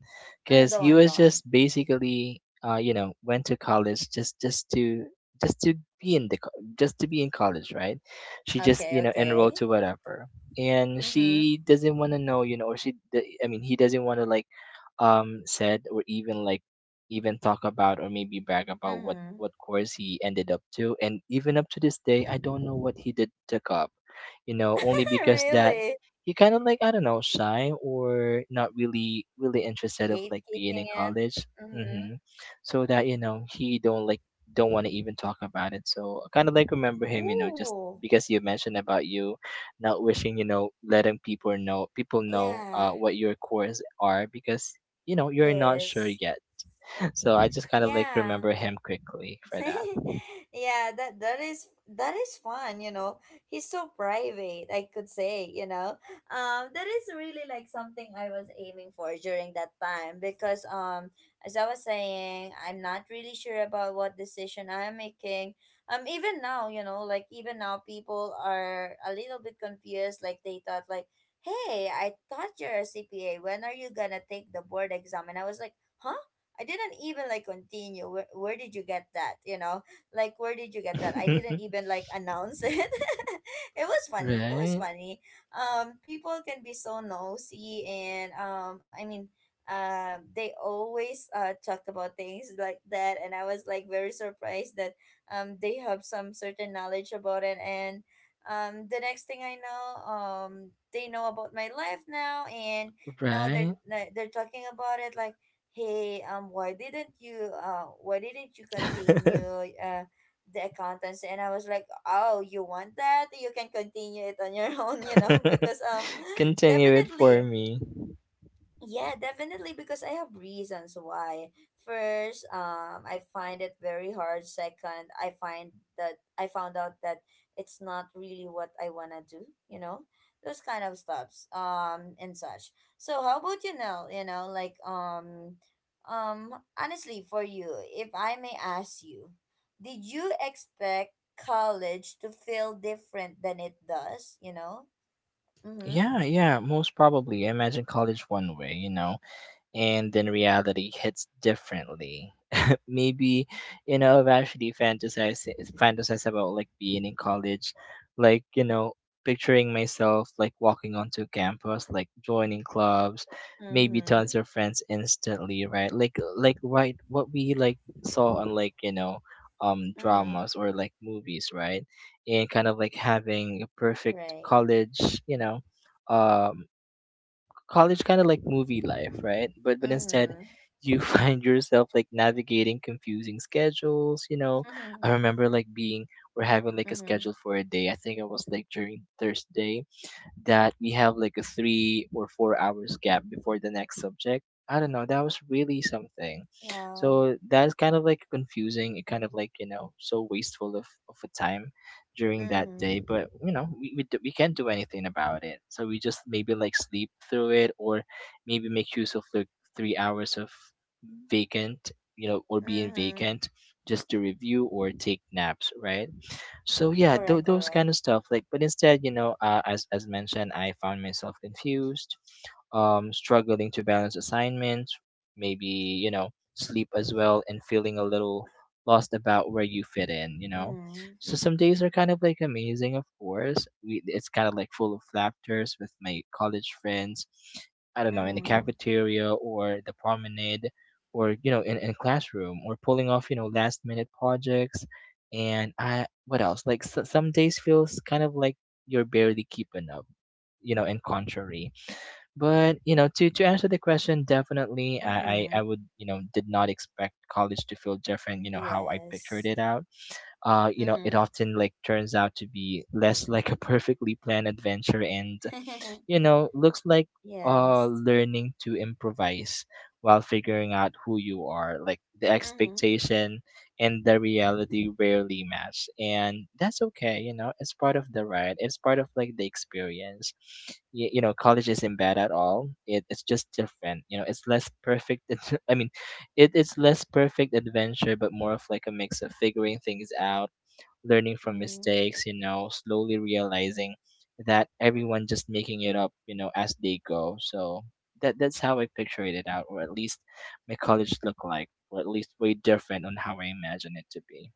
[SPEAKER 1] Mm,
[SPEAKER 2] because
[SPEAKER 1] go
[SPEAKER 2] he
[SPEAKER 1] on, go
[SPEAKER 2] was
[SPEAKER 1] on.
[SPEAKER 2] just basically you know, went to college, just to be in just to be in college, right? She just,
[SPEAKER 1] Okay,
[SPEAKER 2] you know, enrolled
[SPEAKER 1] okay.
[SPEAKER 2] to whatever, and
[SPEAKER 1] Mm-hmm.
[SPEAKER 2] she doesn't want to know, you know, or I mean, he doesn't want to, like, said, or even like, even talk about, or maybe brag about what
[SPEAKER 1] Mm-hmm.
[SPEAKER 2] what course he ended up to. And even up to this day, I don't know what he did took up, you know, only because that
[SPEAKER 1] Really?
[SPEAKER 2] he kind of like, I don't know, shy or not really interested of like
[SPEAKER 1] Gatekeeping
[SPEAKER 2] being in
[SPEAKER 1] it.
[SPEAKER 2] college.
[SPEAKER 1] Mm-hmm.
[SPEAKER 2] Hmm. So that, you know, he don't like, don't want to even talk about it. So I kind of like remember him, you know, just
[SPEAKER 1] Ooh.
[SPEAKER 2] because you mentioned about you not wishing, you know, letting people know
[SPEAKER 1] Yeah.
[SPEAKER 2] what your course are, because you know, you're not sure
[SPEAKER 1] Yes.
[SPEAKER 2] yet. So I just kind of like
[SPEAKER 1] Yeah.
[SPEAKER 2] remember him quickly for that.
[SPEAKER 1] Yeah, that is fun, you know. He's so private, I could say, you know. That is really like something I was aiming for during that time because, as I was saying, I'm not really sure about what decision I'm making. Even now, you know, like, even now people are a little bit confused, like they thought, like, hey, I thought you're a CPA, when are you gonna take the board exam? And I was like, huh? I didn't even like continue. Where did you get that? You know, like, where did you get that? I didn't even like announce it. It was funny. It was
[SPEAKER 2] Right?
[SPEAKER 1] funny. People can be so nosy, and I mean, they always talk about things like that, and I was like very surprised that they have some certain knowledge about it, and the next thing I know, they know about my life now, and now they're
[SPEAKER 2] Right?
[SPEAKER 1] they're talking about it like, hey, why didn't you continue, uh the accountants? And I was like, oh, you want that, you can continue it on your own, you know, because
[SPEAKER 2] Continue it for
[SPEAKER 1] definitely.
[SPEAKER 2] me.
[SPEAKER 1] Yeah, definitely, because I have reasons why. First, I find it very hard. Second, I found out that it's not really what I wanna do, you know? Those kind of stuffs, and such. So how about you now, like honestly for you, if I may ask you, did you expect college to feel different than it does? Mm-hmm.
[SPEAKER 2] Yeah, yeah, most probably. I imagine college one way, you know, and then reality hits differently. Maybe, you know, I've actually fantasized about like being in college, like, you know, picturing myself like walking onto campus, like joining clubs, maybe
[SPEAKER 1] Mm-hmm.
[SPEAKER 2] tons of friends instantly, right? Like right what we like saw on, like, you know,
[SPEAKER 1] Mm-hmm.
[SPEAKER 2] dramas or like movies, right? And kind of like having a perfect
[SPEAKER 1] Right.
[SPEAKER 2] college, you know. Um, College kind of like movie life, right? But instead,
[SPEAKER 1] Mhm.
[SPEAKER 2] you find yourself like navigating confusing schedules. You know,
[SPEAKER 1] Mhm.
[SPEAKER 2] I remember like being, we're having like a schedule
[SPEAKER 1] Mhm.
[SPEAKER 2] for a day. I think it was like during Thursday that we have like a 3 or 4 hours gap before the next subject. I don't know. That was really something.
[SPEAKER 1] Yeah.
[SPEAKER 2] So that's kind of like confusing. It kind of like, you know, so wasteful of a time during that day.
[SPEAKER 1] Mhm.
[SPEAKER 2] But you know, we can't do anything about it. So we just maybe like sleep through it, or maybe make use of the 3 hours of vacant, you know, or being
[SPEAKER 1] Mhm.
[SPEAKER 2] vacant, just to review or take naps, right? So yeah,
[SPEAKER 1] Correct,
[SPEAKER 2] those
[SPEAKER 1] correct.
[SPEAKER 2] kind of stuff like, but instead, you know, as mentioned, I found myself confused, struggling to balance assignments, maybe, you know, sleep as well, and feeling a little lost about where you fit in, you know.
[SPEAKER 1] Mhm.
[SPEAKER 2] So some days are kind of like amazing, of course. We It's kind of like full of laughters with my college friends, I don't know, in the
[SPEAKER 1] Mhm.
[SPEAKER 2] cafeteria or the promenade, or you know, in classroom, or pulling off, you know, last minute projects, and I, what else? Like, so some days feels kind of like you're barely keeping up, you know, and contrary. But you know, to answer the question, definitely I
[SPEAKER 1] Mhm.
[SPEAKER 2] I, I would, you know, did not expect college to feel different. You know how I pictured
[SPEAKER 1] Yes.
[SPEAKER 2] it out. You know, it
[SPEAKER 1] Mhm.
[SPEAKER 2] often like turns out to be less like a perfectly planned adventure, and you know, looks like
[SPEAKER 1] Yes.
[SPEAKER 2] learning to improvise while figuring out who you are. Like the
[SPEAKER 1] Mhm.
[SPEAKER 2] expectation and the reality rarely match. And that's okay, you know, it's part of the ride. It's part of like the experience. You know, college isn't bad at all. It's just different. You know, it's less perfect. It's, I mean, it, it's less perfect adventure, but more of like a mix of figuring things out, learning from
[SPEAKER 1] Mhm.
[SPEAKER 2] mistakes, you know, slowly realizing that everyone just making it up, you know, as they go. So that's how I pictured it out, or at least my college looked like, or at least way different on how I imagine it to be.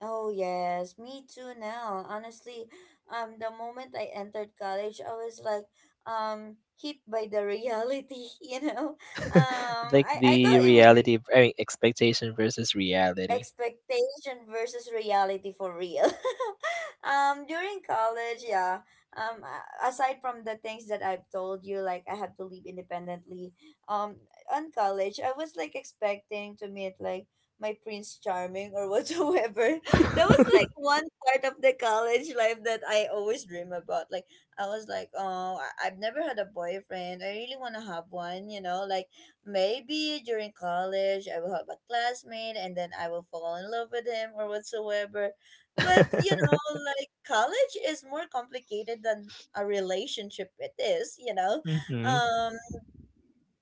[SPEAKER 1] Oh yes, me too now. Honestly, the moment I entered college, I was like hit by the reality, Um
[SPEAKER 2] Like
[SPEAKER 1] I I
[SPEAKER 2] the
[SPEAKER 1] thought it would be
[SPEAKER 2] reality, I mean, expectation versus reality.
[SPEAKER 1] expectation versus reality for real. During college, yeah. Aside from the things that I've told you, like I have to live independently. Um, on college, I was like expecting to meet like my Prince Charming or whatsoever. That was like one part of the college life that I always dream about. Like I was like, oh, I've never had a boyfriend. I really want to have one. Maybe during college, I will have a classmate and then I will fall in love with him or whatsoever. But
[SPEAKER 2] Mm-hmm.
[SPEAKER 1] like college is more complicated than a relationship. It isum,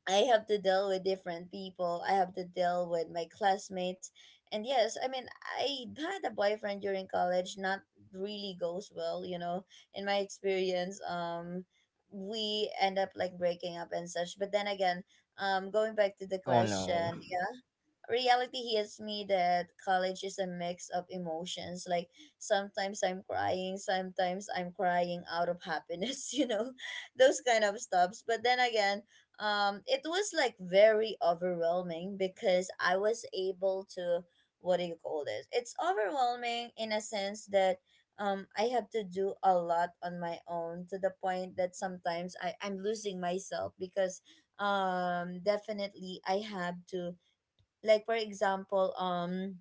[SPEAKER 1] I have to deal with different people. I have to deal with my classmates. And yes, I mean, I had a boyfriend during college, not really goes well, in my experience. We end up like breaking up and such. But then again, going back to the
[SPEAKER 2] Oh no.
[SPEAKER 1] question, yeah, reality hits me that college is a mix of emotions. Like sometimes I'm crying out of happiness, those kind of stuffs. But then again, it was like very overwhelming because I was able to, what do you call this? It's overwhelming in a sense that I have to do a lot on my own to the point that sometimes I'm losing myself because definitely I have to, like, for example,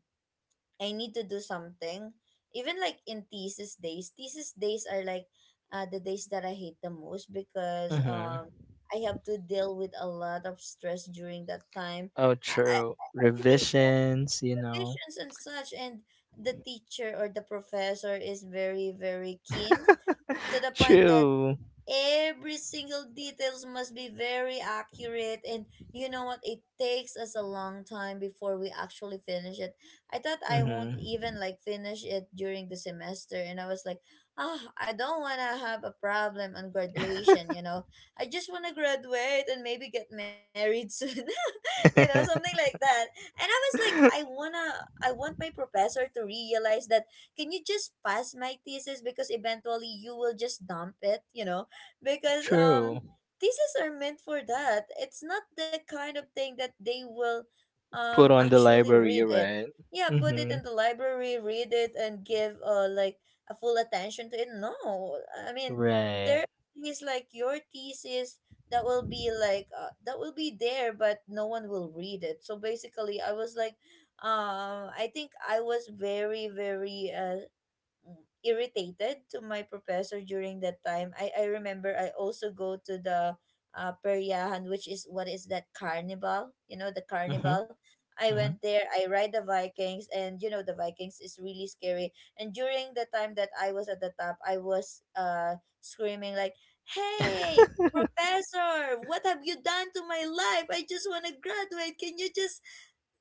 [SPEAKER 1] I need to do something. Even like in thesis days are like the days that I hate the most because
[SPEAKER 2] Mm-hmm.
[SPEAKER 1] I have to deal with a lot of stress during that time.
[SPEAKER 2] Oh,
[SPEAKER 1] I, I,
[SPEAKER 2] true.
[SPEAKER 1] Even
[SPEAKER 2] Revisions, you know.
[SPEAKER 1] provisions and such, and the teacher or the professor is very very keen to the point that
[SPEAKER 2] True.
[SPEAKER 1] every single details must be very accurate, and you know what, it takes us a long time before we actually finish it. I thought I won't even
[SPEAKER 2] Mm-hmm.
[SPEAKER 1] like finish it during the semester, and I was like, ah, I don't want to have a problem on graduation I just want to graduate and maybe get married soon, something like that. And I was like, i wanna i want my professor to realize that, can you just pass my thesis? Because eventually you will just dump it because
[SPEAKER 2] True.
[SPEAKER 1] theses are meant for that. It's not the kind of thing that they will
[SPEAKER 2] Put on the
[SPEAKER 1] actually read
[SPEAKER 2] library,
[SPEAKER 1] it.
[SPEAKER 2] right?
[SPEAKER 1] Yeah, put it in
[SPEAKER 2] Mm-hmm.
[SPEAKER 1] the library, read it and give like a full attention to it. No. I mean, there
[SPEAKER 2] Right.
[SPEAKER 1] is like your thesis that will be like that will be there but no one will read it. So basically, I was like, I think I was very very irritated to my professor during that time. I remember I also go to the Peryahan, which is, what is that, carnival? You know, the
[SPEAKER 2] Mm-hmm.
[SPEAKER 1] carnival. I went there, I ride the Vikings, and you know, the Vikings is really scary. And during the time that I was at the top, I was screaming, like, hey, professor, what have you done to my life? I just want to graduate. Can you just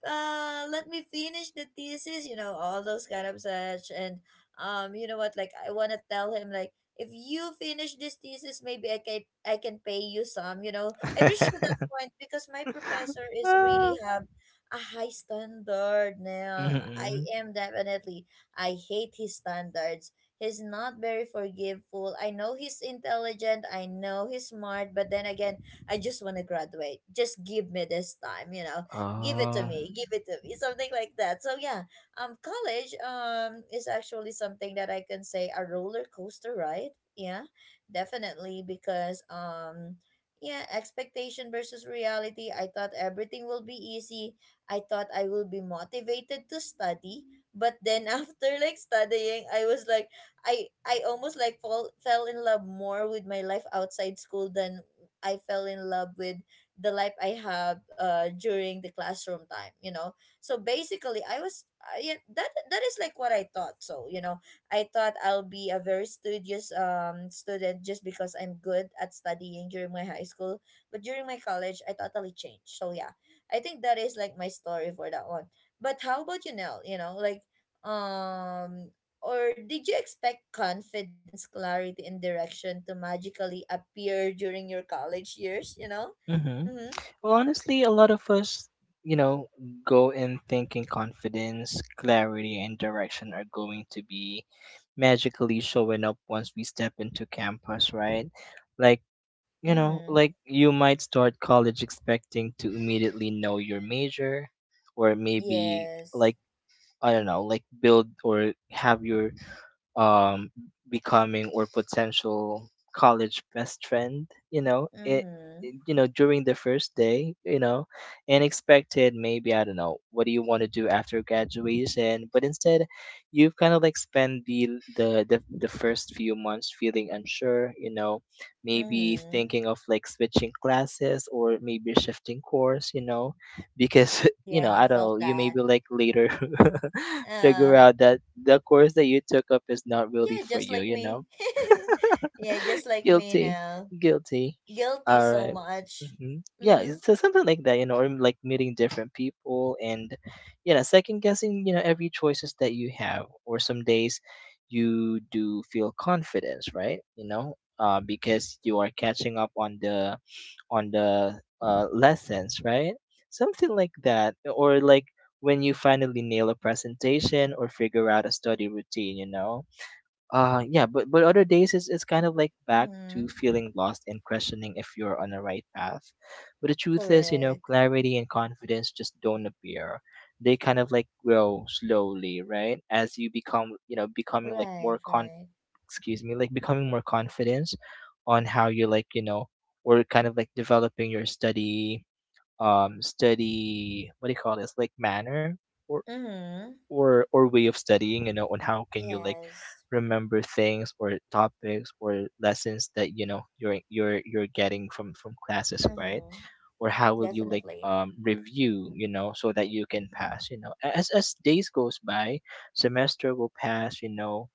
[SPEAKER 1] let me finish the thesis all those kind of such. And you know what, like I want to tell him, like, if you finish this thesis, maybe I can pay you some I reached to that
[SPEAKER 2] Mm-hmm.
[SPEAKER 1] point because my professor is really
[SPEAKER 2] Ah,
[SPEAKER 1] have a high standard now. I
[SPEAKER 2] mm-hmm.
[SPEAKER 1] am definitely, I hate his standards. He's not very forgiveful. I know he's intelligent, I know he's smart, but then again, I just want to graduate. Just give me this time, you know, give it to
[SPEAKER 2] Oh.
[SPEAKER 1] me, give it to me, something like that. So yeah, college is actually something that I can say a roller coaster ride. Yeah, definitely, because yeah, expectation versus reality, I thought everything will be easy, I thought I will be motivated to study. But then after like studying, I was like, I almost like fell in love more with my life outside school than I fell in love with the life I have during the classroom time. So basically, yeah, that is like what I thought. So I thought I'll be a very studious student just because I'm good at studying during my high school. But during my college, I totally changed. So yeah, I think that is like my story for that one. But how about you, Nell? Um. Or did you expect confidence, clarity, and direction to magically appear during your college years?
[SPEAKER 2] Mm-hmm.
[SPEAKER 1] Mm-hmm.
[SPEAKER 2] Well, honestly, a lot of us, you know, go in thinking confidence, clarity, and direction are going to be magically showing up once we step into campus, right? Like, you know,
[SPEAKER 1] Mm-hmm.
[SPEAKER 2] like you might start college expecting to immediately know your major, or maybe
[SPEAKER 1] Yes.
[SPEAKER 2] like I don't know, like build or have your um becoming or potential college best friend, you know, it,
[SPEAKER 1] Mm-hmm.
[SPEAKER 2] you know, during the first day, you know, and expected maybe I don't know what do you want to do after graduation, but instead you've kind of like spend the first few months feeling unsure, you know, maybe
[SPEAKER 1] Mm-hmm.
[SPEAKER 2] thinking of like switching classes or maybe shifting course, you know, because you know,
[SPEAKER 1] Yeah, I
[SPEAKER 2] I don't know,
[SPEAKER 1] felt
[SPEAKER 2] you
[SPEAKER 1] that.
[SPEAKER 2] maybe like later figure
[SPEAKER 1] Uh
[SPEAKER 2] out that the course that you took up is not really
[SPEAKER 1] yeah,
[SPEAKER 2] for
[SPEAKER 1] just
[SPEAKER 2] you,
[SPEAKER 1] like
[SPEAKER 2] you
[SPEAKER 1] me.
[SPEAKER 2] know?
[SPEAKER 1] Yeah, just like me
[SPEAKER 2] Guilty,
[SPEAKER 1] now.
[SPEAKER 2] guilty.
[SPEAKER 1] Guilty
[SPEAKER 2] All
[SPEAKER 1] so
[SPEAKER 2] right.
[SPEAKER 1] much.
[SPEAKER 2] Mm-hmm. Yeah,
[SPEAKER 1] Mm-hmm.
[SPEAKER 2] it's so something like that, you know, or like meeting different people and, you know, second guessing, you know, every choices that you have. Or some days you do feel confidence, right? You know, because you are catching up on the lessons, right? Something like that, or like when you finally nail a presentation or figure out a study routine, you know, yeah, but other days it's kind of like back to
[SPEAKER 1] Mm-hmm.
[SPEAKER 2] feeling lost and questioning if you're on the right path. But the truth is, you know,
[SPEAKER 1] Correct.
[SPEAKER 2] clarity and confidence just don't appear. They kind of like grow slowly, right? As you become, you know, becoming like
[SPEAKER 1] Right, right.
[SPEAKER 2] excuse me, like becoming more confidence on how you like, you know, or kind of like developing your study, what do you call this, like manner? or
[SPEAKER 1] Mm-hmm.
[SPEAKER 2] or way of studying, you know, on how can you like
[SPEAKER 1] Yes.
[SPEAKER 2] remember things or topics or lessons that you know you're getting from classes, right?
[SPEAKER 1] Mm-hmm.
[SPEAKER 2] Or how will you like
[SPEAKER 1] Definitely.
[SPEAKER 2] review, you know, so that you can pass, you know, as days goes by, semester will pass, you know.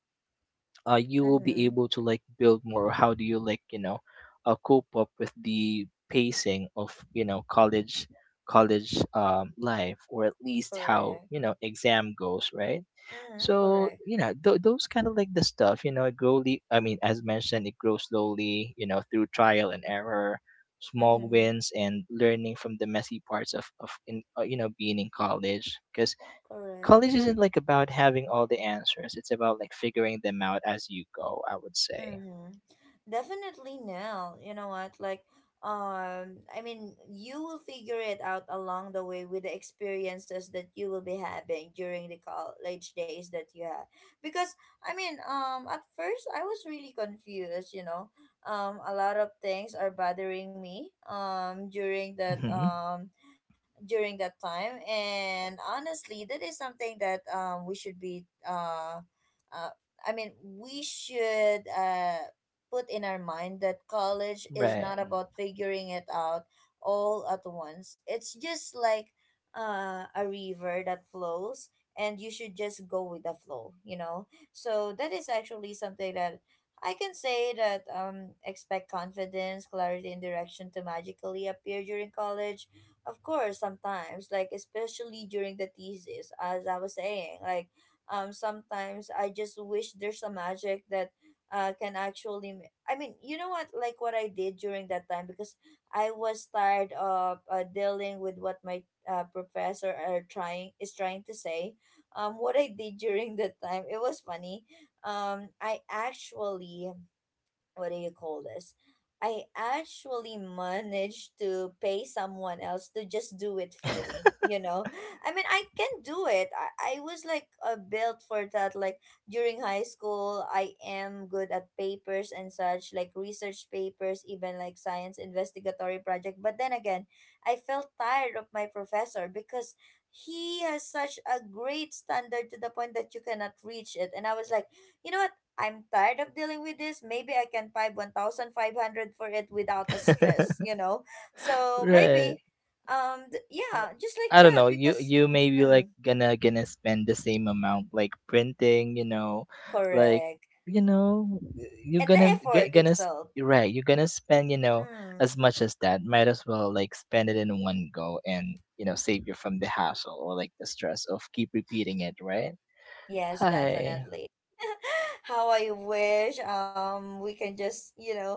[SPEAKER 2] You will be
[SPEAKER 1] Mm-hmm.
[SPEAKER 2] able to like build more or how do you like, you know, cope up with the pacing of you know college life, or at least how
[SPEAKER 1] Correct.
[SPEAKER 2] you know exam goes, right?
[SPEAKER 1] Mm-hmm.
[SPEAKER 2] So
[SPEAKER 1] Correct.
[SPEAKER 2] you know, those kind of like the stuff, you know, it slowly. I mean, as mentioned, it grows slowly, you know, through trial and error, small
[SPEAKER 1] Mm-hmm.
[SPEAKER 2] wins, and learning from the messy parts of you know being in college. Because
[SPEAKER 1] Correct.
[SPEAKER 2] college isn't like about having all the answers. It's about like figuring them out as you go, I would say.
[SPEAKER 1] Mm-hmm. Definitely now. You know what? Like, I mean, you will figure it out along the way with the experiences that you will be having during the college days that you had. Because I mean, at first I was really confused. You know, a lot of things are bothering me. Um, during that
[SPEAKER 2] Hmm.
[SPEAKER 1] um, during that time, and honestly, that is something that we should be uh. I mean, we should put in our mind that college is not
[SPEAKER 2] Right.
[SPEAKER 1] about figuring it out all at once. It's just like a river that flows, and you should just go with the flow? So, that is actually something that I can say that, expect confidence, clarity, and direction to magically appear during college. Of course, sometimes, like, especially during the thesis, as I was saying, like, sometimes I just wish there's a magic that can actually I mean, you know what, like what I did during that time, because I was tired of dealing with what my professor are trying is trying to say. Um what I did, during that time, it was funny. I actually, what do you call this? I actually managed to pay someone else to just do it for me? I mean, I can do it. I was like built for that. Like during high school, I am good at papers and such, like research papers, even like science investigatory project. But then again, I felt tired of my professor because he has such a great standard to the point that you cannot reach it. And I was like, you know what? I'm tired of dealing with this. Maybe I can pay 1,500 for it without a stress?So
[SPEAKER 2] Right.
[SPEAKER 1] maybe,
[SPEAKER 2] Uh,
[SPEAKER 1] yeah, just like
[SPEAKER 2] I don't
[SPEAKER 1] that
[SPEAKER 2] know. You
[SPEAKER 1] because,
[SPEAKER 2] may be like
[SPEAKER 1] Mm,
[SPEAKER 2] gonna spend the same amount like printing, you know, like
[SPEAKER 1] correct.
[SPEAKER 2] you know, you're
[SPEAKER 1] And the
[SPEAKER 2] gonna
[SPEAKER 1] effort itself.
[SPEAKER 2] right. You're gonna spend you know
[SPEAKER 1] Mm.
[SPEAKER 2] as much as that. Might as well like spend it in one go and you know save you from the hassle or like the stress of keep repeating it. Right?
[SPEAKER 1] Yes,
[SPEAKER 2] Hi.
[SPEAKER 1] definitely. How I wish we can just,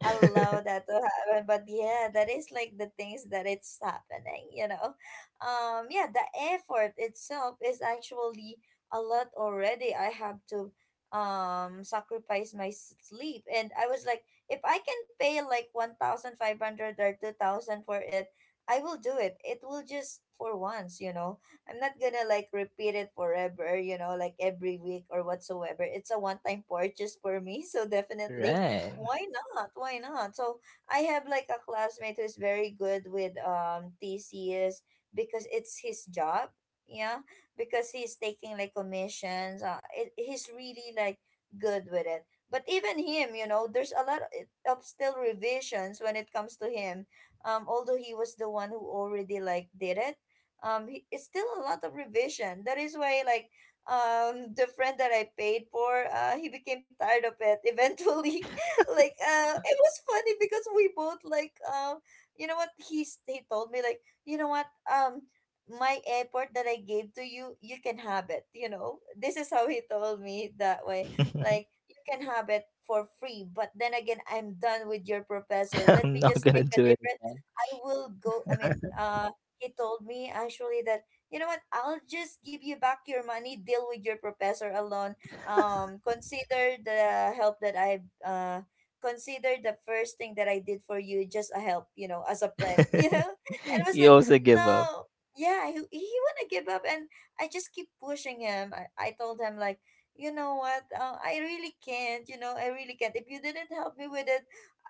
[SPEAKER 1] that to happen. But yeah, that is like the things that it's happening. Yeah, the effort itself is actually a lot already. I have to sacrifice my sleep, and I was like, if I can pay like 1,500 or 2,000 for it, I will do it. It will just for once, you know I'm not gonna like repeat it forever, like every week or whatsoever. It's a one time purchase for me. So definitely,
[SPEAKER 2] Right.
[SPEAKER 1] why not? Why not? So I have like a classmate who's very good with TCS because it's his job. Yeah. Because he's taking like commissions. He's really like good with it. But even him, you know, there's a lot of still revisions when it comes to him, although he was the one who already like did it. It's still a lot of revision. That is why like the friend that I paid for, he became tired of it eventually. Like it was funny because we both like, you know what, he told me like, you know what, um my airport that I gave to you, you can have it, you know. This is how he told me that way. Like, you can have it for free, but then again, I'm done with your professor. Let
[SPEAKER 2] I'm
[SPEAKER 1] me
[SPEAKER 2] not
[SPEAKER 1] just
[SPEAKER 2] gonna
[SPEAKER 1] take a
[SPEAKER 2] do it
[SPEAKER 1] different—
[SPEAKER 2] again.
[SPEAKER 1] I will go I mean he told me actually that, you know what, I'll just give you back your money. Deal with your professor alone. Consider the help that I consider the first thing that I did for you just a help, you know, as a friend. You know. And I was
[SPEAKER 2] You
[SPEAKER 1] like,
[SPEAKER 2] also give up.
[SPEAKER 1] no. Yeah, he want to give up, and I just keep pushing him. I told him like, you know what, I really can't, you know, I really can't. If you didn't help me with it,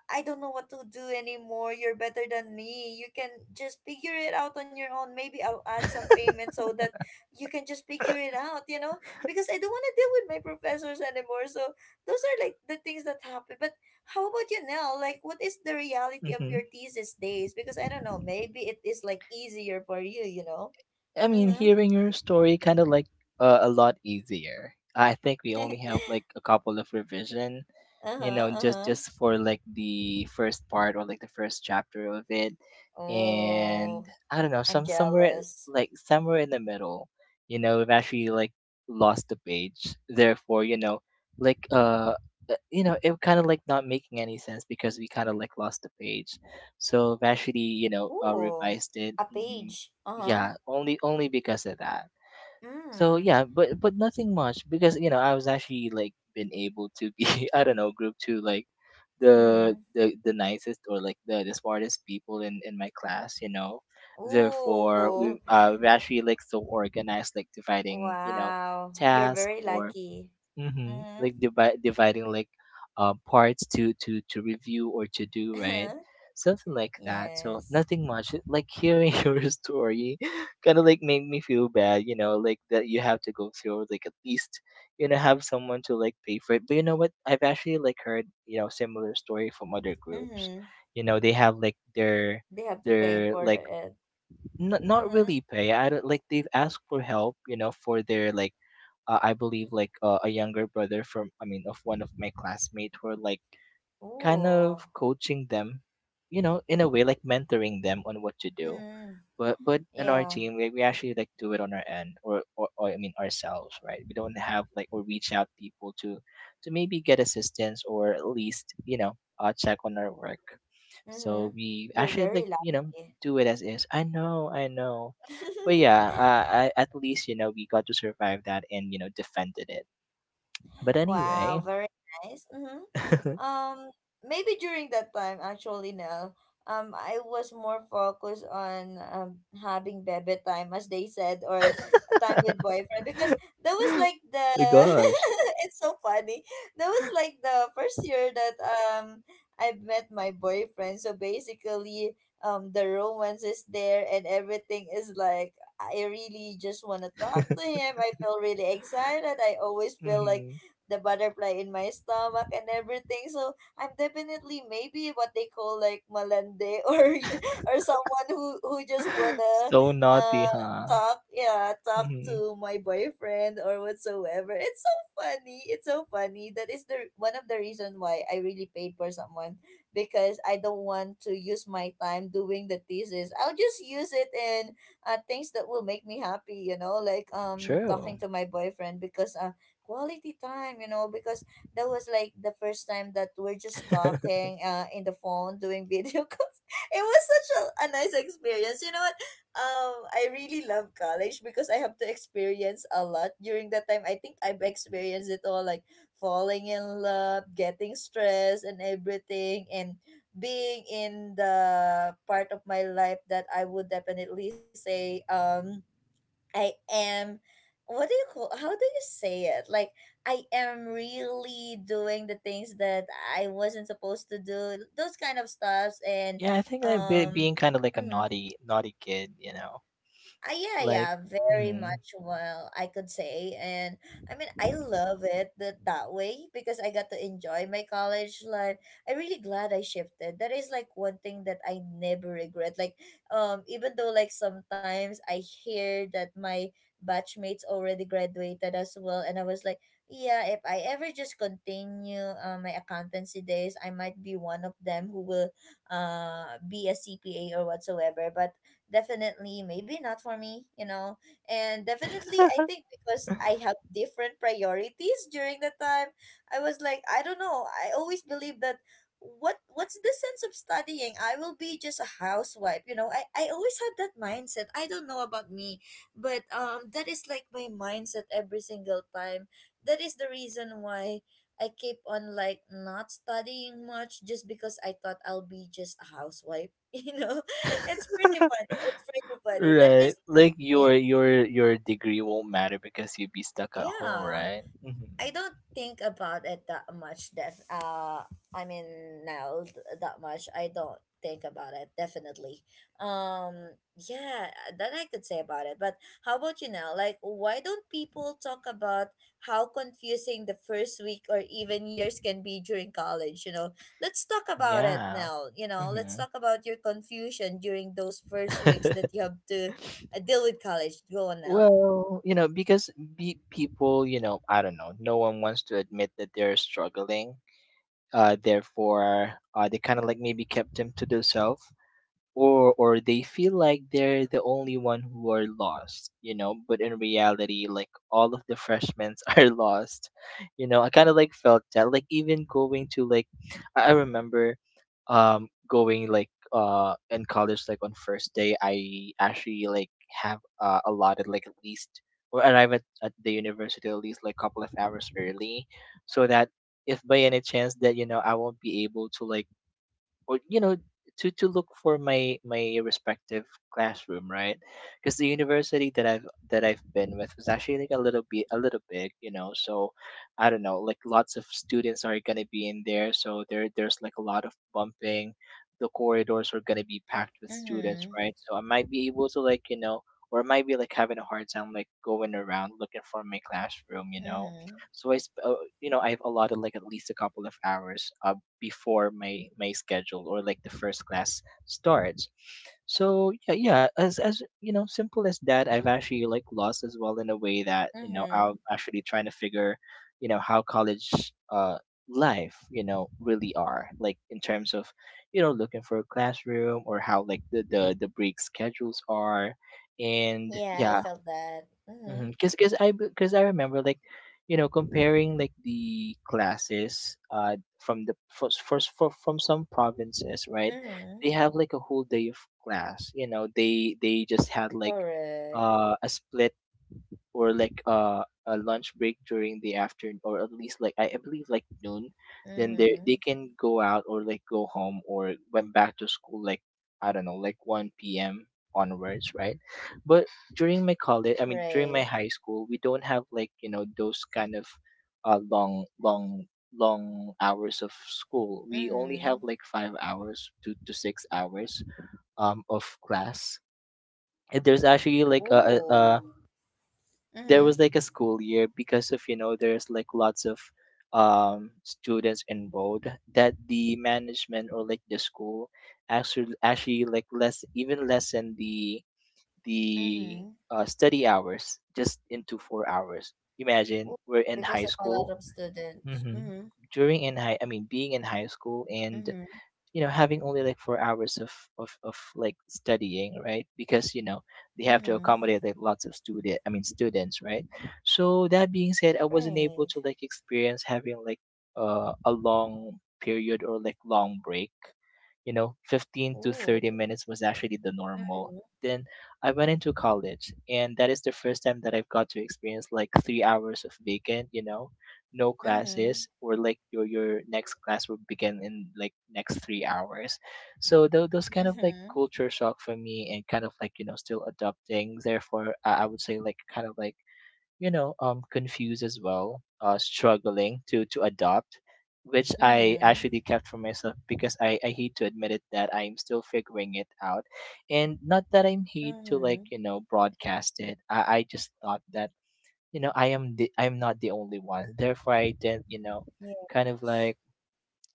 [SPEAKER 1] I don't know what to do anymore. You're better than me. You can just figure it out on your own. Maybe I'll add some payment so that you can just figure it out, you know? Because I don't want to deal with my professors anymore. So those are like the things that happen. But how about you now? Like, what is the reality of
[SPEAKER 2] Mm-hmm.
[SPEAKER 1] your thesis days? Because I don't know. Maybe it is like easier for you, you know?
[SPEAKER 2] I mean,
[SPEAKER 1] Mm-hmm.
[SPEAKER 2] hearing your story kind of like a lot easier. I think we only have like a couple of revision, you
[SPEAKER 1] Uh-huh,
[SPEAKER 2] know, just
[SPEAKER 1] uh-huh.
[SPEAKER 2] for like the first part or like the first chapter of it, and
[SPEAKER 1] Oh,
[SPEAKER 2] I don't know,
[SPEAKER 1] I'm
[SPEAKER 2] some
[SPEAKER 1] jealous.
[SPEAKER 2] somewhere in the middle, you know, we've actually like lost the page. Therefore, you know, like you know, it kind of like not making any sense because we kind of like lost the page. So I've actually, you know,
[SPEAKER 1] Ooh,
[SPEAKER 2] revised it.
[SPEAKER 1] a
[SPEAKER 2] Mhm.
[SPEAKER 1] page. Uh-huh.
[SPEAKER 2] Yeah, only because of that. So
[SPEAKER 1] Mm.
[SPEAKER 2] yeah, but nothing much because you know I was actually like been able to be I don't know group to like the
[SPEAKER 1] Mm-hmm.
[SPEAKER 2] the the nicest or like the smartest people in my class, you know. Therefore
[SPEAKER 1] Ooh,
[SPEAKER 2] we actually like so organized, like dividing, you know,
[SPEAKER 1] wow. You're
[SPEAKER 2] task
[SPEAKER 1] very
[SPEAKER 2] or
[SPEAKER 1] lucky.
[SPEAKER 2] Mm-hmm.
[SPEAKER 1] Mm-hmm.
[SPEAKER 2] Like divide dividing like parts to to review or to do, right? Something like that. So
[SPEAKER 1] Yes.
[SPEAKER 2] nothing much. It- Like hearing your story kind of like made me feel bad, you know, like that you have to go through like at least you know have someone to like pay for it. But you know what? I've actually like heard, you know, similar story from other groups.
[SPEAKER 1] Mm-hmm.
[SPEAKER 2] You know, they have like their
[SPEAKER 1] They have to pay
[SPEAKER 2] their
[SPEAKER 1] for
[SPEAKER 2] like
[SPEAKER 1] it.
[SPEAKER 2] not
[SPEAKER 1] Mm-hmm.
[SPEAKER 2] really pay. I don't like they've asked for help, you know, for their like I believe like a younger brother from I mean of one of my classmates were like kind
[SPEAKER 1] Ooh.
[SPEAKER 2] of coaching them, you know, in a way like mentoring them on what to do.
[SPEAKER 1] Mm-hmm.
[SPEAKER 2] But in our
[SPEAKER 1] Yeah.
[SPEAKER 2] team we actually like do it on our end or I mean ourselves, right? We don't have like or reach out people to maybe get assistance or at least you know check on our work.
[SPEAKER 1] Mm-hmm.
[SPEAKER 2] So we
[SPEAKER 1] You're
[SPEAKER 2] actually
[SPEAKER 1] very
[SPEAKER 2] like you know
[SPEAKER 1] lucky.
[SPEAKER 2] do it as is. I know. But yeah, I, at least you know we got to survive that and you know defended it. But
[SPEAKER 1] Wow,
[SPEAKER 2] anyway
[SPEAKER 1] very nice. Mm-hmm. Um, maybe during that time, actually, now, I was more focused on having baby time, as they said, or time with boyfriend, because that was like the—
[SPEAKER 2] my gosh.
[SPEAKER 1] it's so funny. That was like the first year that I met my boyfriend. So basically, the romance is there, and everything is like I really just want to talk to him. I feel really excited. I always feel like
[SPEAKER 2] Mhm.
[SPEAKER 1] the butterfly in my stomach and everything. So I'm definitely maybe what they call like malande, or someone who just wanna
[SPEAKER 2] So naughty
[SPEAKER 1] uh
[SPEAKER 2] huh.
[SPEAKER 1] talk, yeah, talk
[SPEAKER 2] Mhm.
[SPEAKER 1] to my boyfriend or whatsoever. It's so funny. It's so funny. That is the one of the reason why I really paid for someone, because I don't want to use my time doing the thesis. I'll just use it in things that will make me happy. You know, like
[SPEAKER 2] True.
[SPEAKER 1] talking to my boyfriend, because quality time, you know, because that was like the first time that we're just talking in the phone, doing video calls. It was such a nice experience. You know what? I really love college because I have to experience a lot during that time. I think I've experienced it all, like falling in love, getting stressed, and everything, and being in the part of my life that I would definitely say, I am— what do you call, how do you say it? Like, I am really doing the things that I wasn't supposed to do, those kind of stuffs. And
[SPEAKER 2] Yeah, I think like
[SPEAKER 1] um
[SPEAKER 2] being kind of like a
[SPEAKER 1] mhm.
[SPEAKER 2] naughty, naughty kid, you know,
[SPEAKER 1] Yeah,
[SPEAKER 2] like,
[SPEAKER 1] yeah, very
[SPEAKER 2] hmm.
[SPEAKER 1] much well, I could say. And I mean, I love it that, that way, because I got to enjoy my college life. I'm really glad I shifted. That is like one thing that I never regret. Like, even though like sometimes I hear that my batchmates already graduated as well, and I was like, yeah, if I ever just continue my accountancy days, I might be one of them who will be a CPA or whatsoever. But definitely maybe not for me, you know. And definitely I think because I have different priorities during the time. I was like, I don't know, I always believe that what's the sense of studying, I will be just a housewife, you know. I always had that mindset. I don't know about me, but that is like my mindset every single time. That is the reason why I keep on like not studying much, just because I thought I'll be just a housewife. You know? It's pretty funny. It's pretty funny. That is
[SPEAKER 2] Right, like
[SPEAKER 1] me.
[SPEAKER 2] your your degree won't matter because you'd be stuck at home,
[SPEAKER 1] Yeah.
[SPEAKER 2] right?
[SPEAKER 1] I
[SPEAKER 2] Hmm.
[SPEAKER 1] don't think about it that much. Def, I mean Now that much, I don't think about it definitely. Yeah, that I could say about it. But how about you now? Like, why don't people talk about how confusing the first week or even years can be during college? You know, let's talk about it
[SPEAKER 2] Yeah.
[SPEAKER 1] now. You know, let's
[SPEAKER 2] Hmm.
[SPEAKER 1] talk about your confusion during those first weeks that you have to deal with college. Go on now.
[SPEAKER 2] Well, you know, because people, you know, I don't know, no one wants to admit that they're struggling. Therefore, they kind of like maybe kept them to themselves, or they feel like they're the only one who are lost, you know, but in reality like all of the freshmen are lost, you know. I kind of like felt that like even going to like I remember going like in college like on first day, I actually like have allotted like at least or arrive at the university at least like couple of hours early, so that if by any chance that you know I won't be able to like or you know to look for my respective classroom, right? Because the university that I've been with was actually like a little bit a little big, you know, so I don't know like lots of students are going to be in there, so there's like a lot of bumping, the corridors are going to be packed with students,
[SPEAKER 1] Mhm.
[SPEAKER 2] right? So I might be able to like you know or I might be like having a hard time like going around looking for my classroom, you know.
[SPEAKER 1] Mhm.
[SPEAKER 2] So you know, I've allotted like at least a couple of hours before my schedule or like the first class starts. So yeah, yeah, as you know, simple as that. I've actually like lost as well in a way that you know I'm
[SPEAKER 1] Mhm.
[SPEAKER 2] actually trying to figure, you know, how college uh life you know really are like in terms of you know looking for a classroom or how like the break schedules are, and
[SPEAKER 1] Yeah, I
[SPEAKER 2] yeah.
[SPEAKER 1] felt that. Mm-hmm.
[SPEAKER 2] Mm-hmm. Cause I, cause I remember like, you know, comparing like the classes, from first from some provinces, right?
[SPEAKER 1] Mm-hmm.
[SPEAKER 2] They have like a whole day of class. You know, they just had like,
[SPEAKER 1] Correct.
[SPEAKER 2] a split or like a lunch break during the afternoon or at least like I believe like noon, then they
[SPEAKER 1] Mm-hmm.
[SPEAKER 2] can go out or like go home or went back to school like I don't know like 1 p.m. Onwards, right? But during my college, I mean during my
[SPEAKER 1] Right.
[SPEAKER 2] high school, we don't have like those kind of uh, long long long hours of school. We only have
[SPEAKER 1] Mm-hmm.
[SPEAKER 2] like 5 hours to 6 hours of class. And there's actually like
[SPEAKER 1] Ooh.
[SPEAKER 2] a there
[SPEAKER 1] Mm-hmm.
[SPEAKER 2] was like a school year, because of there's like lots of students enrolled, that the management or like the school actually like lessen the
[SPEAKER 1] Mm-hmm.
[SPEAKER 2] study hours just into 4 hours. Imagine,
[SPEAKER 1] Ooh.
[SPEAKER 2] we're in
[SPEAKER 1] Because
[SPEAKER 2] high
[SPEAKER 1] of a lot
[SPEAKER 2] school.
[SPEAKER 1] of students.
[SPEAKER 2] hmm
[SPEAKER 1] Mm-hmm.
[SPEAKER 2] during in high I mean being in high school and
[SPEAKER 1] Mm-hmm.
[SPEAKER 2] having only like 4 hours of like studying, right? Because they have to
[SPEAKER 1] Mm-hmm.
[SPEAKER 2] accommodate like lots of students, right? So that being said, I wasn't able
[SPEAKER 1] Right.
[SPEAKER 2] to like experience having like a long period or like long break. You know, 15 to
[SPEAKER 1] Ooh.
[SPEAKER 2] 30 minutes was actually the normal.
[SPEAKER 1] Mm-hmm.
[SPEAKER 2] Then I went into college and that is the first time that I've got to experience like 3 hours of vacant, you know, no
[SPEAKER 1] Mm-hmm.
[SPEAKER 2] classes, or like your next class will begin in like next 3 hours. So those kind of like
[SPEAKER 1] Mm-hmm.
[SPEAKER 2] culture shock for me, and kind of like, you know, still adopting. Therefore, I would say like kind of like, you know, confused as well, struggling to adopt, which I
[SPEAKER 1] Mm-hmm.
[SPEAKER 2] actually kept for myself because I hate to admit it that I'm still figuring it out. And not that I'm hate to like,
[SPEAKER 1] Mm-hmm.
[SPEAKER 2] you know, broadcast it. I just thought that, you know, I'm not the only one, therefore I didn't, you know, kind of
[SPEAKER 1] Yes.
[SPEAKER 2] like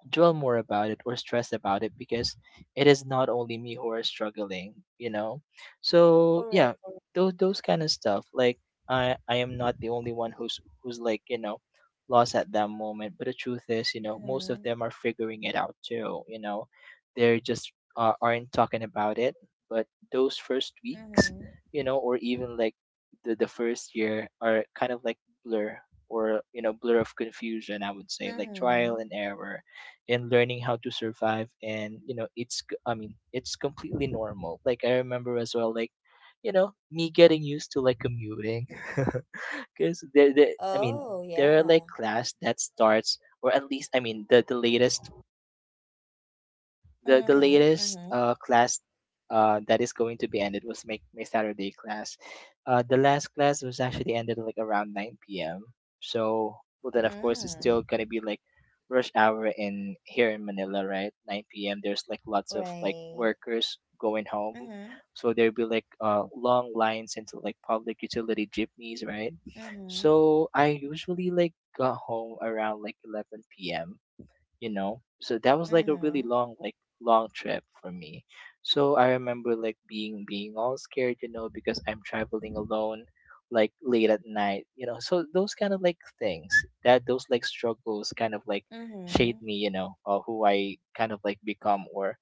[SPEAKER 2] dwell more about it or stress about it, because it is not only me who are struggling, you know. So yeah,
[SPEAKER 1] Correct. Correct.
[SPEAKER 2] those kind of stuff like I am not the only one who's like, you know, lost at that moment. But the truth is, you know, most of
[SPEAKER 1] Mm-hmm.
[SPEAKER 2] them are figuring it out too, you know. They're just aren't talking about it. But those first weeks,
[SPEAKER 1] Mm-hmm.
[SPEAKER 2] you know, or even like the first year are kind of like blur, or, you know, blur of confusion. I would say like
[SPEAKER 1] Mm-hmm.
[SPEAKER 2] trial and error and learning how to survive. And, you know, it's it's completely normal. Like, I remember as well like, you know, me getting used to like commuting because there, I mean,
[SPEAKER 1] Oh,
[SPEAKER 2] there are like
[SPEAKER 1] yeah.
[SPEAKER 2] class that starts, or at least I mean, the latest the
[SPEAKER 1] Mm-hmm.
[SPEAKER 2] latest
[SPEAKER 1] Mm-hmm.
[SPEAKER 2] class that is going to be ended was my Saturday class. The last class was actually ended like around nine p.m. So, well, then of course it's
[SPEAKER 1] Mm.
[SPEAKER 2] still gonna be like rush hour in here in Manila, right? Nine p.m. There's like lots of like
[SPEAKER 1] Right.
[SPEAKER 2] workers going home,
[SPEAKER 1] Mm-hmm.
[SPEAKER 2] so there'll be like long lines into like public utility jeepneys, right?
[SPEAKER 1] Mm-hmm.
[SPEAKER 2] So I usually like got home around like 11 p.m. You know, so that was like a really
[SPEAKER 1] Mm-hmm.
[SPEAKER 2] long like long trip for me. So I remember like being all scared, you know, because I'm traveling alone like late at night. You know, so those kind of like things, that those like struggles kind of like shape
[SPEAKER 1] Mm-hmm.
[SPEAKER 2] me, you know, or who I kind of like become, or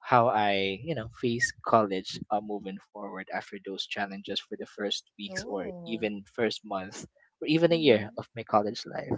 [SPEAKER 2] how I, you know, face college, moving forward after those challenges for the first weeks or
[SPEAKER 1] Oh.
[SPEAKER 2] even first month, or even a year
[SPEAKER 1] Mm-hmm.
[SPEAKER 2] of my college life.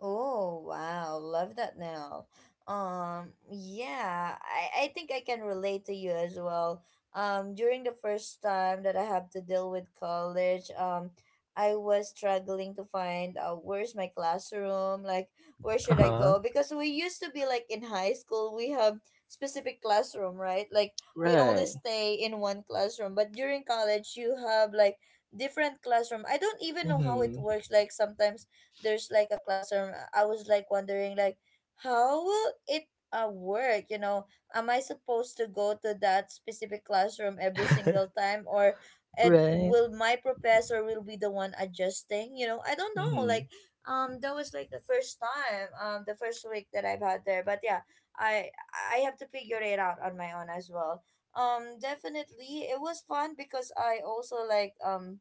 [SPEAKER 1] Oh wow, love that now. Yeah, I think I can relate to you as well. During the first time that I have to deal with college, I was struggling to find where's my classroom, like where should I
[SPEAKER 2] Uh-huh.
[SPEAKER 1] go? Because we used to be like in high school, we have specific classroom, right? Like, we only
[SPEAKER 2] Right.
[SPEAKER 1] stay in one classroom, but during college you have like different classroom. I don't even know how it
[SPEAKER 2] Mm-hmm.
[SPEAKER 1] works. Like sometimes there's like a classroom, I was like wondering like how will it work, you know, am I supposed to go to that specific classroom every single time, or— and
[SPEAKER 2] Right.
[SPEAKER 1] will my professor will be the one adjusting, you know, I don't know like.
[SPEAKER 2] Mhm.
[SPEAKER 1] That was like the first time, the first week that I've had there. But yeah, i I have to figure it out on my own as well. Definitely it was fun, because I also like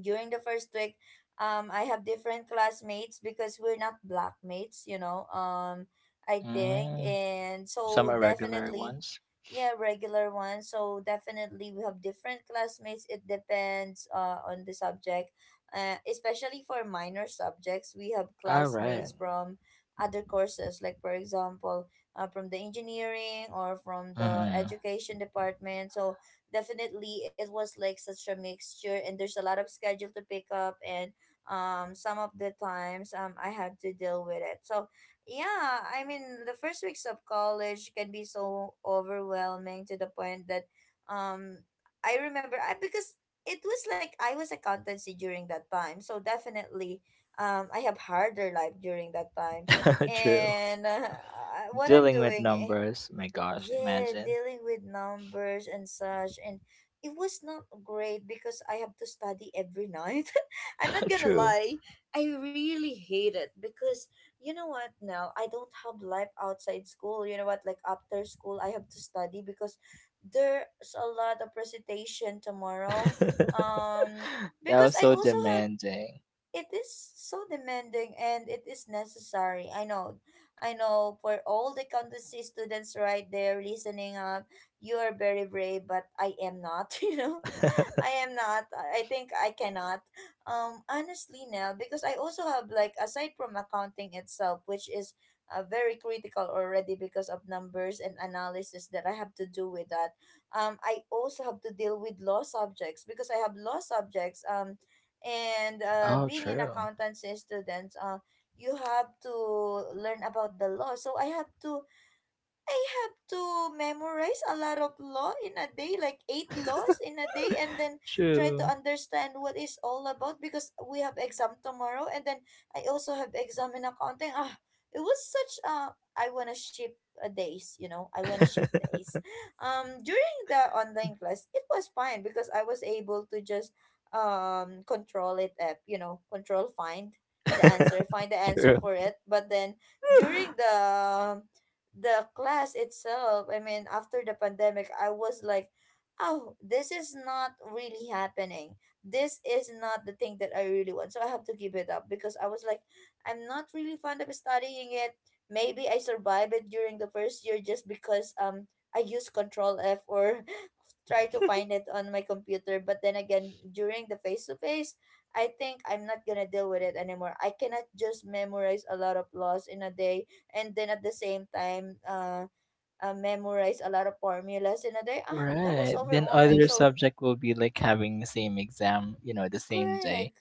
[SPEAKER 1] during the first week, I have different classmates, because we're not blackmates, you know. I think
[SPEAKER 2] Mm.
[SPEAKER 1] and
[SPEAKER 2] Some
[SPEAKER 1] So
[SPEAKER 2] irregular
[SPEAKER 1] definitely,
[SPEAKER 2] ones.
[SPEAKER 1] yeah, regular ones. So definitely we have different classmates. It depends on the subject, especially for minor subjects, we have
[SPEAKER 2] All right.
[SPEAKER 1] classmates from other courses, like for example, from the engineering or from the
[SPEAKER 2] Mhm.
[SPEAKER 1] education department. So definitely it was like such a mixture, and there's a lot of schedule to pick up. And some of the times, I had to deal with it. So yeah, I mean, the first weeks of college can be so overwhelming, to the point that um I remember I because it was like I was accountancy during that time. So definitely, I have harder life during that time.
[SPEAKER 2] True.
[SPEAKER 1] And what I'm
[SPEAKER 2] Dealing with
[SPEAKER 1] doing,
[SPEAKER 2] numbers. My gosh,
[SPEAKER 1] yeah,
[SPEAKER 2] imagine.
[SPEAKER 1] dealing with numbers and such. And it was not great, because I have to study every night. I'm not gonna
[SPEAKER 2] True.
[SPEAKER 1] lie, I really hate it. Because you know what, now I don't have life outside school, you know what, like after school I have to study because there's a lot of presentation tomorrow. um
[SPEAKER 2] That
[SPEAKER 1] because
[SPEAKER 2] was
[SPEAKER 1] I
[SPEAKER 2] so
[SPEAKER 1] also have—
[SPEAKER 2] demanding.
[SPEAKER 1] it is so demanding, and it is necessary. I know. I know, for all the accountancy students right there listening up, you are very brave, but I am not. You know. I am not. I think I cannot. Honestly now, because I also have like, aside from accounting itself, which is very critical already because of numbers and analysis that I have to do with that. I also have to deal with law subjects, because I have law subjects. And
[SPEAKER 2] Oh,
[SPEAKER 1] Being an
[SPEAKER 2] true.
[SPEAKER 1] accountancy student, you have to learn about the law. So I have to— I have to memorize a lot of law in a day, like 8 laws in a day, and then try to
[SPEAKER 2] True.
[SPEAKER 1] understand what is all about, because we have exam tomorrow, and then I also have exam in accounting. Ah, it was such a— I wanna ship a days, you know, I wanna ship days. During the online class, it was fine, because I was able to just control it app, you know, control, find the answer
[SPEAKER 2] True.
[SPEAKER 1] for it, but then during the class itself, I mean, after the pandemic, I was like, oh, this is not really happening. This is not the thing that I really want. So I have to give it up, because I was like, I'm not really fond of studying it. Maybe I survive it during the first year, just because I use control F or try to find it on my computer. But then again, during the face to face, I think I'm not gonna deal with it anymore. I cannot just memorize a lot of laws in a day and then at the same time memorize a lot of formulas in a day. Ah, that was
[SPEAKER 2] Right. Then
[SPEAKER 1] overwhelming.
[SPEAKER 2] other
[SPEAKER 1] So
[SPEAKER 2] subject will be like having the same exam, you know, the same day.
[SPEAKER 1] correct.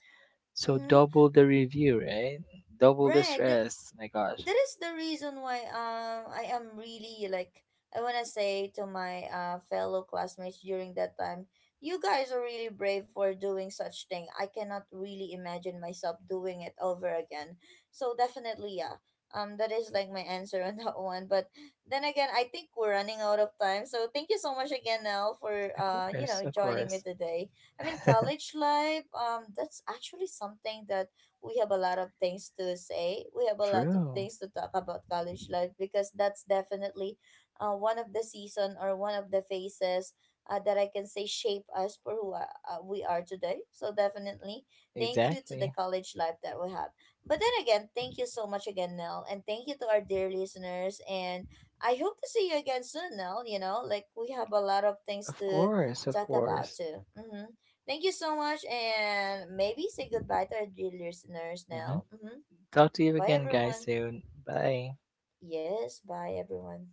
[SPEAKER 2] So
[SPEAKER 1] Mm-hmm.
[SPEAKER 2] double the review, right? Double the
[SPEAKER 1] Right.
[SPEAKER 2] stress. My gosh.
[SPEAKER 1] That is the reason why I am really like— I wanna say to my fellow classmates during that time, you guys are really brave for doing such thing. I cannot really imagine myself doing it over again. So definitely, yeah. That is like my answer on that one. But then again, I think we're running out of time. So thank you so much again, Nell, for
[SPEAKER 2] Of
[SPEAKER 1] you
[SPEAKER 2] course,
[SPEAKER 1] know,
[SPEAKER 2] of
[SPEAKER 1] joining me
[SPEAKER 2] course.
[SPEAKER 1] today. I mean, college life, that's actually something that we have a lot of things to say. We have a lot of
[SPEAKER 2] True.
[SPEAKER 1] things to talk about college life, because that's definitely one of the season or one of the phases that I can say shape us for who we are today. So definitely, thank you to the
[SPEAKER 2] Exactly.
[SPEAKER 1] college life that we have. But then again, thank you so much again, Nell, and thank you to our dear listeners. And I hope to see you again soon, Nell. You know, like we have a lot of things
[SPEAKER 2] Of
[SPEAKER 1] to
[SPEAKER 2] course, of
[SPEAKER 1] talk about
[SPEAKER 2] course.
[SPEAKER 1] too. Mm-hmm. Thank you so much, and maybe say goodbye to our dear listeners
[SPEAKER 2] hmm
[SPEAKER 1] now. Mm-hmm.
[SPEAKER 2] Talk to you
[SPEAKER 1] Bye,
[SPEAKER 2] again, guys,
[SPEAKER 1] everyone.
[SPEAKER 2] soon. Bye.
[SPEAKER 1] Yes, bye, everyone.